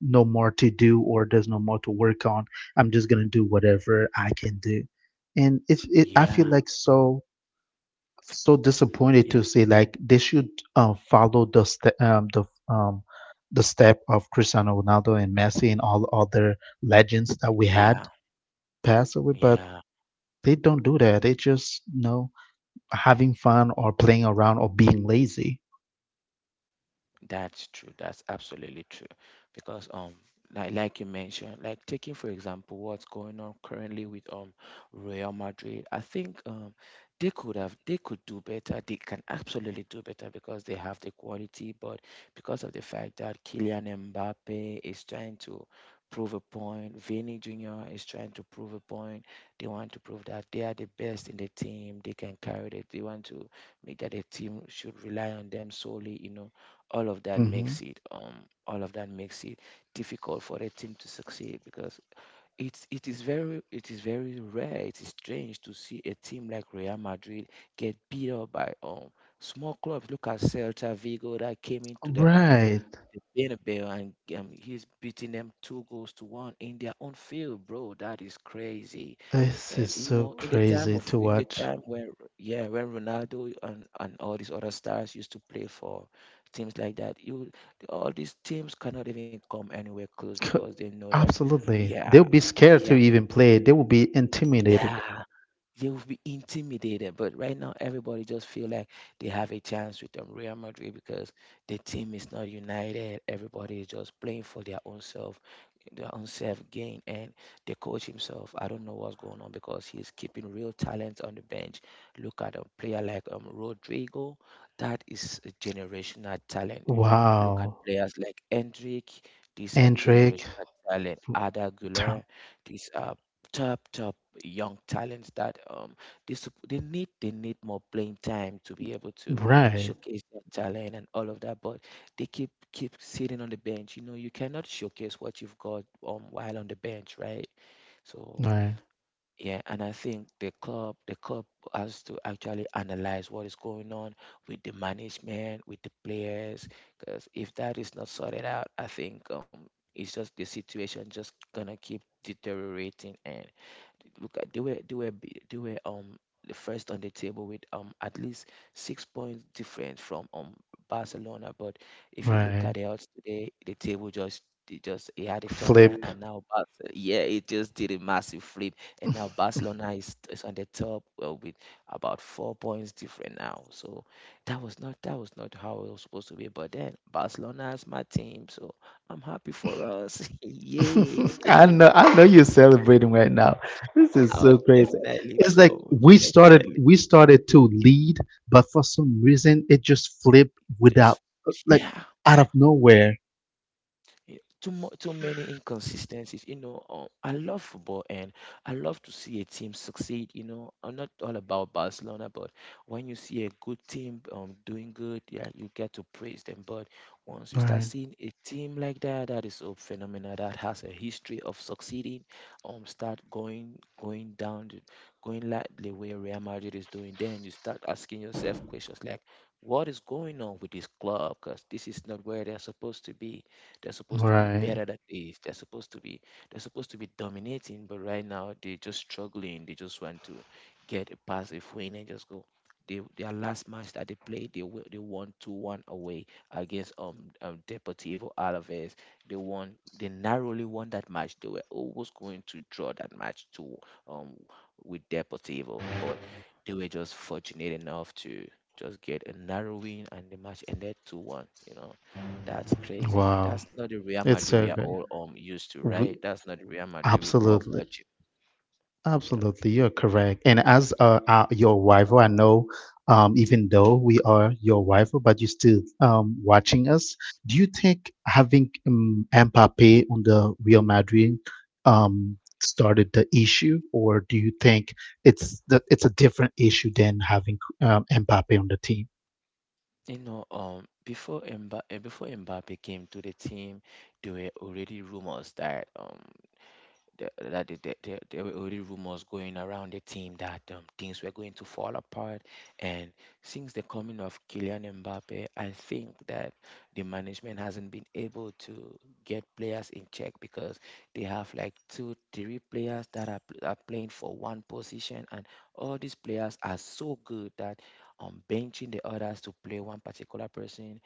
no more to do or there's no more to work on. I'm just gonna do whatever I can do, and I feel like Yeah, so disappointed to yeah, say like they should follow the the step of Cristiano Ronaldo and Messi and all other legends that we had yeah, pass away, but yeah. they don't do that. They just, having fun or playing around or being lazy. That's true. That's absolutely true. Because like you mentioned, like taking for example what's going on currently with Real Madrid, I think they could do better. They can absolutely do better because they have the quality, but because of the fact that Kylian Mbappe is trying to prove a point, Vinny Jr. is trying to prove a point. They want to prove that they are the best in the team. They can carry it. They want to make that the team should rely on them solely, you know, all of that makes hmm it um all of that makes it difficult for a team to succeed because it is very rare, it is strange to see a team like Real Madrid get beat up by small clubs. Look at Celta Vigo that came into Right. the Bernabeu and he's beating them 2-1 in their own field, bro, that is crazy. This And is you so know, in the time crazy of to in the watch. time where yeah, when Ronaldo and all these other stars used to play for teams like that, you all these teams cannot even come anywhere close C- because they know that Absolutely. yeah, They'll be scared yeah, to even play. They will be intimidated. yeah, they will be intimidated, but right now everybody just feel like they have a chance with Real Madrid because the team is not united. Everybody is just playing for their own self gain, and the coach himself. I don't know what's going on because he's keeping real talent on the bench. Look at a player like Rodrigo, that is a generational talent. Look at Wow. players like Hendrik, these are Andrick. generational talent. Ada Güler, Ta- these are top top young talents that they need more playing time to be able to Right. showcase their talent and all of that, but they keep sitting on the bench. You know, you cannot showcase what you've got while on the bench, right? So Right. yeah, and I think the club has to actually analyze what is going on with the management, with the players, because if that is not sorted out, I think um, it's just the situation just gonna keep deteriorating. And look at, they were the first on the table with at least six points difference from Barcelona. But if you look at Right. the odds today, the table just, it had a turnaround, Flip. and now Barcelona, yeah, it just did a massive flip, and now is on the top, with about four points different now. So that was not how it was supposed to be. But then Barcelona is my team, so I'm happy for us. Yay! I know you're celebrating right now. This is Oh, so crazy. definitely, It's like bro. Definitely. we started to lead, but for some reason it just flipped without, Just like, yeah. out of nowhere. Too many inconsistencies. You know, I love football, and I love to see a team succeed. You know, I'm not all about Barcelona, but when you see a good team doing good, yeah, you get to praise them. But once you start Right, seeing a team like that, that is so phenomenal, that has a history of succeeding, start going down, going like the way Real Madrid is doing, then you start asking yourself questions like, what is going on with this club? Because this is not where they're supposed to be. They're supposed to be right. better than this. They're supposed to be dominating, but right now they're just struggling. They just want to get a pass, a win, and just go. Their last match that they played, they won 2-1 away against Deportivo Alaves. They narrowly won that match. They were almost going to draw that match to um with Deportivo, but they were just fortunate enough to just get a narrow win, and the match ended 2-1, you know. That's crazy. Wow, That's not the Real it's so Madrid we are good. all used to, We, right? That's not the Real Madrid we grew up absolutely. watching. Yeah. Absolutely, you're correct. And as your rival, I know, even though we are your rival, but you're still watching us. Do you think having Mbappe on the Real Madrid um, started the issue, or do you think it's a different issue than having Mbappe on the team? You know, before Mbappe came to the team, there were already rumors that there were already rumors going around the team that things were going to fall apart. And since the coming of Kylian Mbappe, I think that the management hasn't been able to get players in check because they have like 2, 3 players that are playing for one position, and all these players are so good that benching the others to play one particular person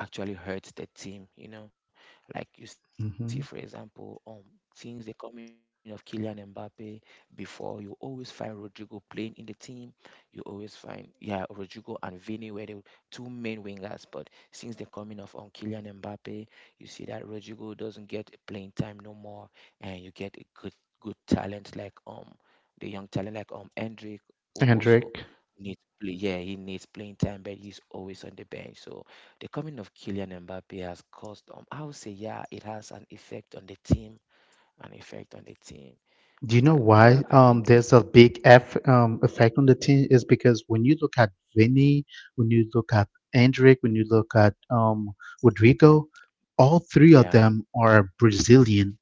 actually hurts the team. You know, like you see, for hmm example, since the coming of Kylian Mbappe, before you always find Rodrigo playing in the team. You always find, yeah, Rodrigo and Vini were the two main wingers, but since the coming of Kylian Mbappe, you see that Rodrigo doesn't get playing time no more, and you get a good talent like the young talent like Hendrik who also Hendrik. needs play. Yeah, he needs playing time, but he's always on the bench. So the coming of Kylian Mbappe has caused, I would say, yeah, it has an effect on the team, an effect on the team. Do you And know well, why I think, there's a big effect on the team? Is because when you look at Vinny, when you look at Endrick, when you look at Rodrigo, all three of yeah, them are Brazilian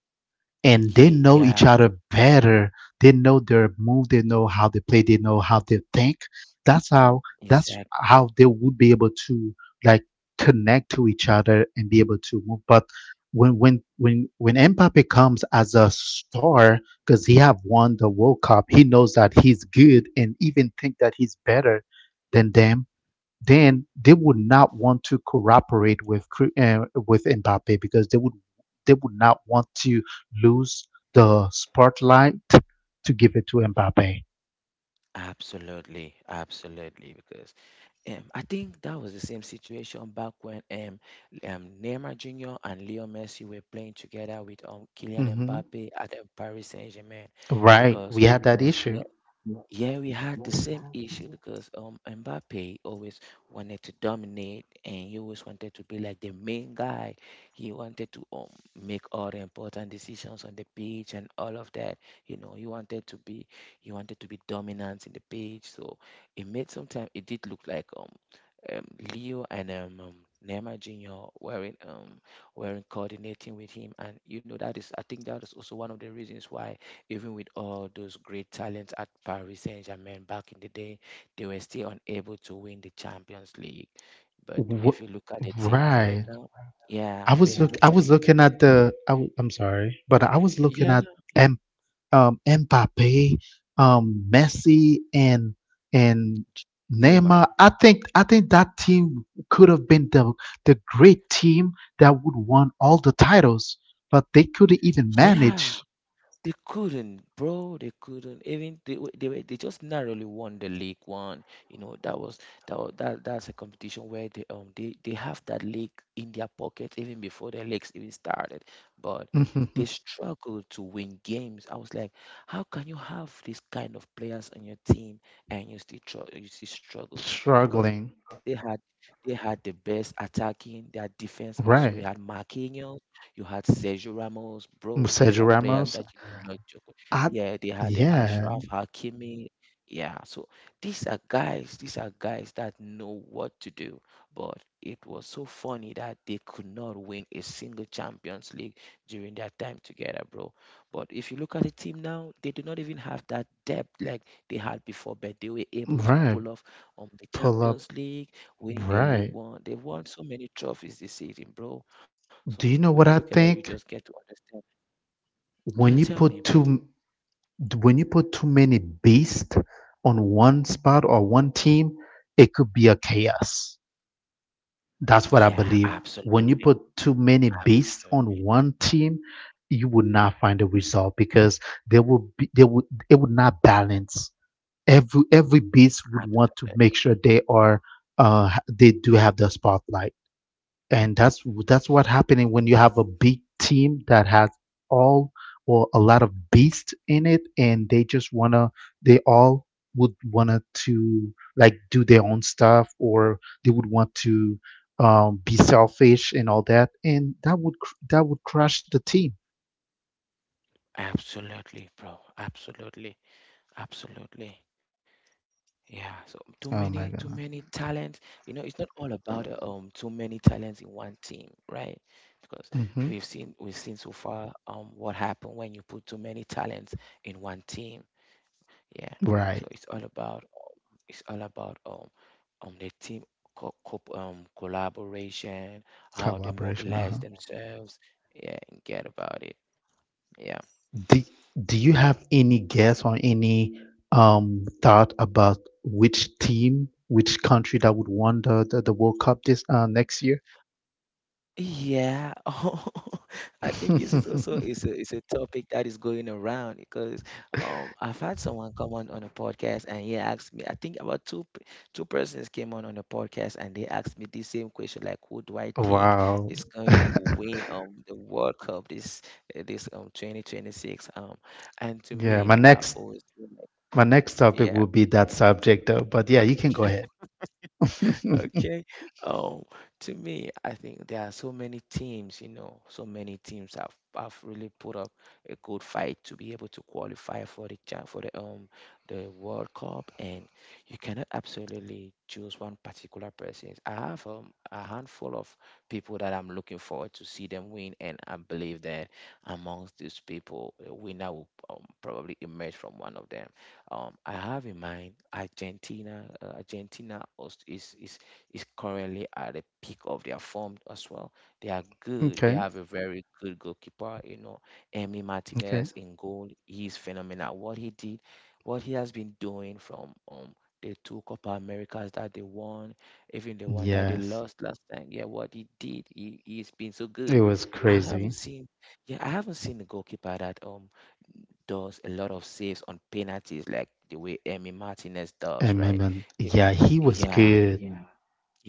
and they yeah, know each other better. They know their move. They know how they play. They know how they think. That's how that's exactly. how they would be able to like connect to each other and be able to move. But when Mbappe comes as a star because he have won the World Cup, he knows that he's good and even think that he's better than them, then they would not want to cooperate with with Mbappe because they would not want to lose the spotlight to give it to Mbappe. Absolutely, absolutely. Because I think that was the same situation back when Neymar Jr. and Leo Messi were playing together with Kylian hmm Mbappe at Paris Saint-Germain. Right, Because we had that issue. Yeah, we had the same issue because Mbappe always wanted to dominate and he always wanted to be like the main guy. He wanted to make all the important decisions on the pitch and all of that. You know, he wanted to be dominant in the pitch. So it made sometimes it did look like um, Leo and Neymar Jr. Wearing coordinating with him, and you know that is I think that is also one of the reasons why even with all those great talents at Paris Saint Germain back in the day, they were still unable to win the Champions League. But if Wh- you look at the team right Right. now, yeah, but if you look at it, I'm sorry, but I was looking yeah, at no, Mbappe, Messi, and Neymar, Neymar. I think that team could have been the great team that would won all the titles, but they couldn't even yeah, manage. they couldn't, bro. They couldn't. Even they just narrowly won the league one. You know that was that's a competition where they have that league in their pocket even before the leagues even started. But they struggled to win games. I was like, how can you have this kind of players on your team and you still you still struggle? Because they Struggling, had they had the best attacking, their defense also. You had right? Marquinhos. You had Sergio Ramos, bro. These Sergio are players Ramos. that you do not joke with. I Yeah, they had the yeah, Ashraf Hakimi. Yeah, so these are guys that know what to do. But it was so funny that they could not win a single Champions League during their time together, bro. But if you look at the team now, they do not even have that depth like they had before, but they were able to right. pull off on the Pull up, Champions League, winning the League right. One. They've won so many trophies this season, bro. So Do you when you know look what at I it, you just think? get to understand. Yeah, When you tell me, bro. When you put too many beasts on one spot or one team, it could be a chaos. That's what I Yeah, believe. When you absolutely, put too many beasts on absolutely, one team, you would not find a result because there will be there would it would not balance. Every beast would want to absolutely, make sure they are they do have the spotlight, and that's what happening when you have a big team that has all or a lot of beasts in it and they just wanna they all would wanna to like do their own stuff, or they would want to be selfish and all that, and that would that would crush the team. absolutely, bro, absolutely, absolutely. Yeah, so too Oh my many god talents. You know, it's not all about too many talents in one team, right? Because we've hmm seen we've seen so far what happened when you put too many talents in one team. Yeah, so right. It's all about their team collaboration, how they Collaboration. mobilize Uh-huh. themselves. Yeah, and get about it. Yeah. Do, do you have any guess or any thought about which country that would won the World Cup this next year? Yeah, I think this is also is a topic that is going around because I've had someone come on a podcast and he asked me I think about two persons came on a podcast and they asked me the same question like who do I think Wow. is going to win the World Cup this 2026 and to Yeah, me I've always been. my next topic Yeah, will be that subject though, but yeah, you can go ahead. okay. Um, to me, I think there are so many teams, you know, so many teams have really put up a good fight to be able to qualify for the the World Cup, and you cannot absolutely choose one particular person. I have a handful of people that I'm looking forward to see them win, and I believe that amongst these people, a winner will probably emerge from one of them. I have in mind Argentina. Is currently at the peak of their form as well. They are good. They Okay, have a very good goalkeeper, you know. Emi okay. Martinez in goal, he's phenomenal. What he did, what he has been doing from the two Copa Americas that they won, even the one that they Yes, lost last time. Yeah, what he did, he's been so it good. was I crazy. haven't seen, yeah, I haven't seen a goalkeeper that does a lot of saves on penalties like the way Emi Martinez does, right? It- Yeah, he was yeah, good.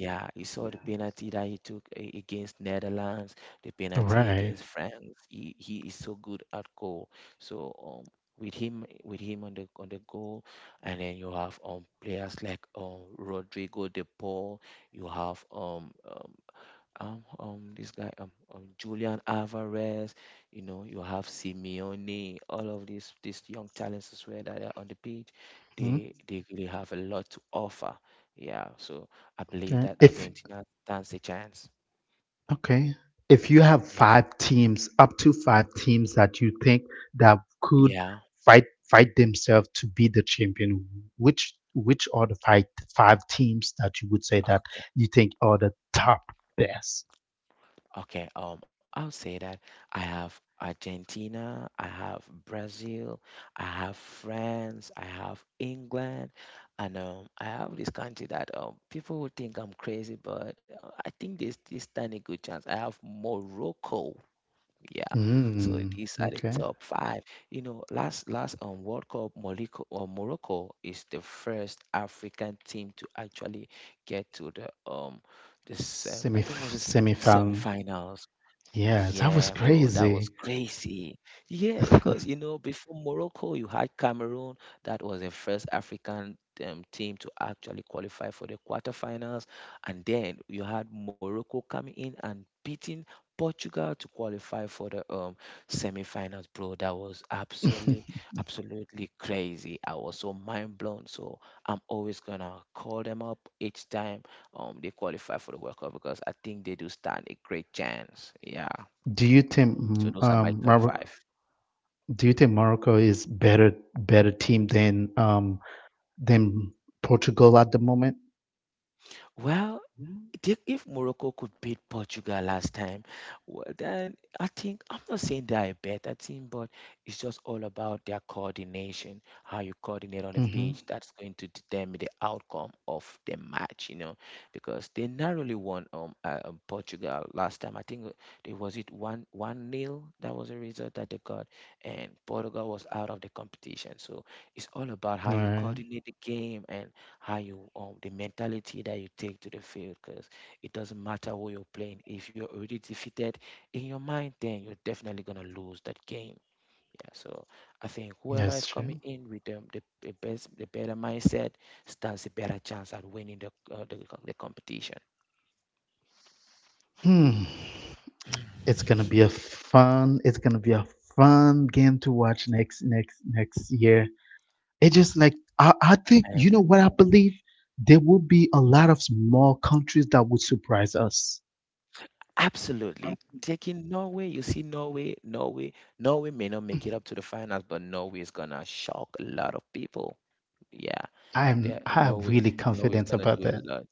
yeah, you saw the penalty that he against Netherlands, the penalty Right. against France. He is so good at goal. So with him on the goal, and then you have players like Rodrigo De Paul. You have this guy Julian Alvarez, you know, you have Simeone, all of these young talents as well that are on the pitch. Mm, They really have a lot to offer. Yeah, so I okay. believe that If Argentina stands a chance. Okay. If you have Yeah. five teams, up to five teams that you think that could Yeah. Fight themselves to be the champion, which are the five teams that you would say that Yeah. you think are the top best? Okay, I'll say that I have Argentina, I have Brazil, I have France, I have England, and I have this country that people would think I'm crazy, but I think there's this stand a good chance. I have Morocco, yeah. So Mm, these are the okay. top five. You know, last World Cup, Morocco is the first African team to actually get to the this Semi I think it was the semifinal. semifinals. Yes, Yeah, that was bro, that was crazy. crazy. Yeah, because you know, before Morocco, you had Cameroon. That was the first African team to actually qualify for the quarterfinals. And then you had Morocco coming in and beating Portugal to qualify for the semifinals, bro. That was absolutely, absolutely crazy. I was so mind blown. So I'm always gonna call them up each time they qualify for the World Cup because I think they do stand a great chance. Yeah. Do you think So those are my top five. Morocco, do you think Morocco is better team than than Portugal at the moment? Well, Dick, if Morocco could beat Portugal last time, well, then I think I'm not saying they're a better team, but it's just all about their coordination, how you coordinate on the Mm-hmm. pitch. That's going to determine the outcome of the match, you know, because they narrowly won Portugal last time. I think it was it one one nil. That was the result that they got, and Portugal was out of the competition. So it's all about how you Right. coordinate the game and how you the mentality that you take to the field because it doesn't matter who you're playing. If you're already defeated in your mind, then you're definitely gonna lose that game. Yeah, so I think That's whoever is true. coming in with the best the better mindset stands a better chance at winning the the competition. Hmm. It's gonna be a fun game to watch next year. It just like I And think you know what I believe. There will be a lot of small countries that would surprise us. absolutely, taking Norway, you see, Norway may not make it up to the finals, but Norway is gonna shock a lot of people. Yeah, they I'm norway really norway is confident gonna about do a that. lot.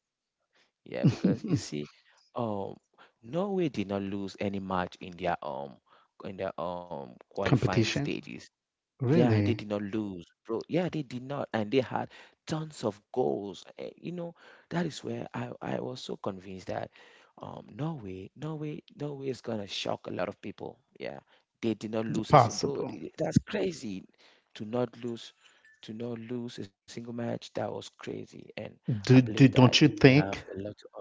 Yeah, because you see, um, Norway did not lose any match in their qualifying Competition stages. Yeah, they did really not lose, bro. Yeah, they did not, and they had tons of goals. Eh, you know, that is where I was so convinced that Norway is gonna shock a lot of people. Yeah, they did not lose a single. possible. Bro, that's crazy to not lose a single match. That was crazy, and I Do believe do that don't you they have a think? lot to offer.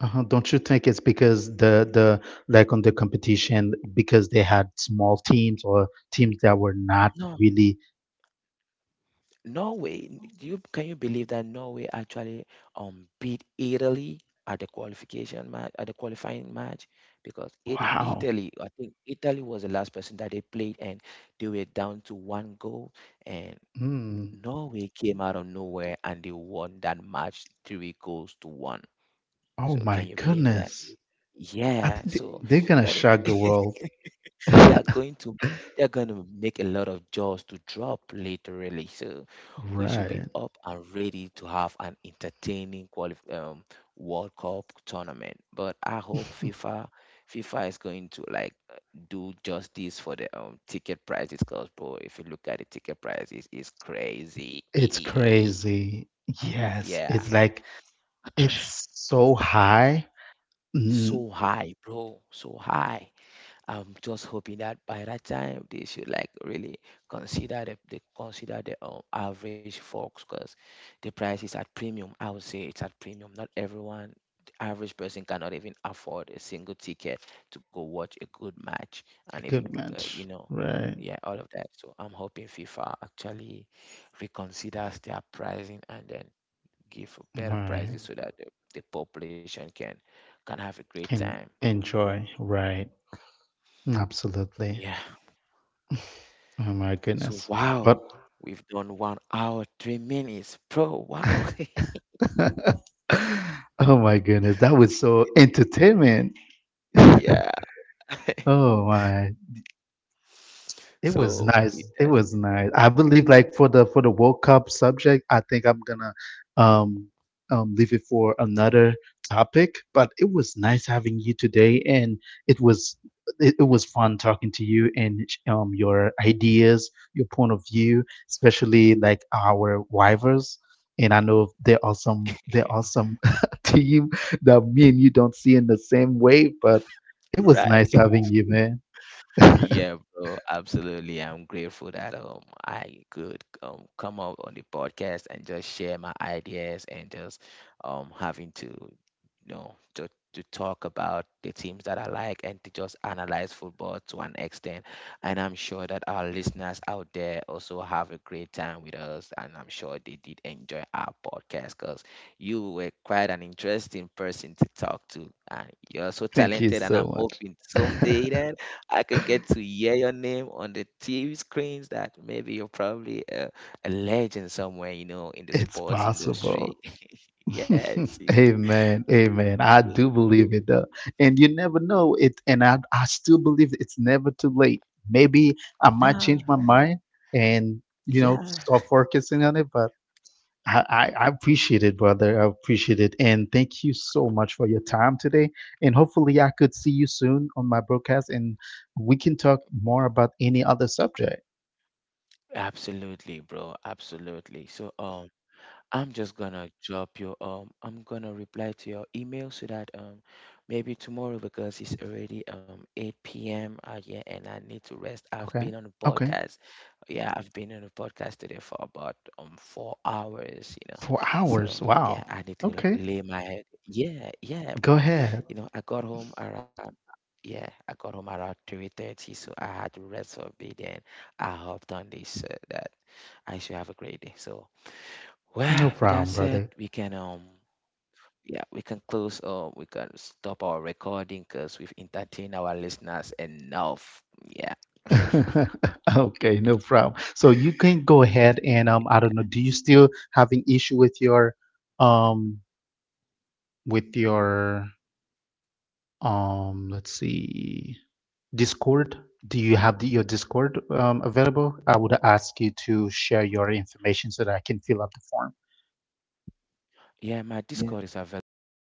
Uh-huh. Don't you think it's because the like on the competition because they had small teams or teams that were not No, really Norway, do you can you believe that Norway actually beat Italy at the qualifying match, because it wow. Italy I think Italy was the last person that they played, and they were down to one goal, and Mm. Norway came out of nowhere and they won that match three goals to one. Oh So can my you believe that? goodness. I Yeah, think so they're gonna that is shock the world. they are going to make a lot of jaws to drop literally. So we should be Right. up and ready to have an entertaining World Cup tournament, but I hope FIFA is going to like do justice for the ticket prices, because, bro, if you look at the ticket prices, it's crazy. It's crazy. Yes. yeah, It's like it's so high. Mm, so high, bro, so high. I'm just hoping that by that time they should like really consider the they consider the average folks, because the price is at premium. I would say it's at premium. Not everyone, the average person cannot even afford a single ticket to go watch a good match, and even good you match. know, Right. yeah, all of that. So I'm hoping FIFA actually reconsiders their pricing and then give better Right. prices so that the population can have a great time. And enjoy. Right. Absolutely. Yeah. Oh my So, goodness. But wow, we've done 1 hour, 3 minutes, bro. Wow. oh my goodness, that was so entertainment. Yeah. Oh my. It was nice. It that's was nice. I believe like for the World Cup subject, I think I'm gonna um leave it for another topic. But it was nice having you today, and it was it was fun talking to you, and your ideas, your point of view, especially like our rivals. And I know there are some team that me and you don't see in the same way, but it was nice right. having you, man. Yeah, bro, absolutely. I'm grateful that I could come up on the podcast and just share my ideas and just having to you know to talk about the teams that I like and to just analyze football to an extent. And I'm sure that our listeners out there also have a great time with us, and I'm sure they did enjoy our podcast because you were quite an interesting person to talk to and you're so Thank you talented, and I'm so hoping much. someday I can get to hear your name on the TV screens, that maybe you're probably a legend somewhere, you know, in the It's sports possible. industry. Yes. Amen. Amen. I y- do believe it though. And you never know it, and I still believe it's never too late. Maybe I might Nah. change my mind and you know Yeah. start focusing on it, but I appreciate it, brother. I appreciate it. And thank you so much for your time today. And hopefully I could see you soon on my broadcast, and we can talk more about any other subject. Absolutely, bro. Absolutely. So, I'm just gonna drop your I'm gonna reply to your email so that maybe tomorrow, because it's already 8 p.m. Yeah, and I need to rest. I've Okay. been on a Okay. podcast. Yeah, I've been on a podcast today for about 4 hours, you know. 4 hours. So yeah, Wow. I need to Okay. lay my head. Yeah, yeah, Go bro. ahead. You know, I got home around 3:30, so I had to rest for a bit, and I hopped on this so that I should have a great day. So, No well, with that problem, said, brother. we can yeah, we can close or we can stop our recording because we've entertained our listeners enough. Yeah. Okay, no problem. So you can go ahead and um, I don't know, do you still having issue um with your let's see Discord? Do you have your Discord um, available? I would ask you to share your information so that I can fill up the form. Yeah, my Discord is available right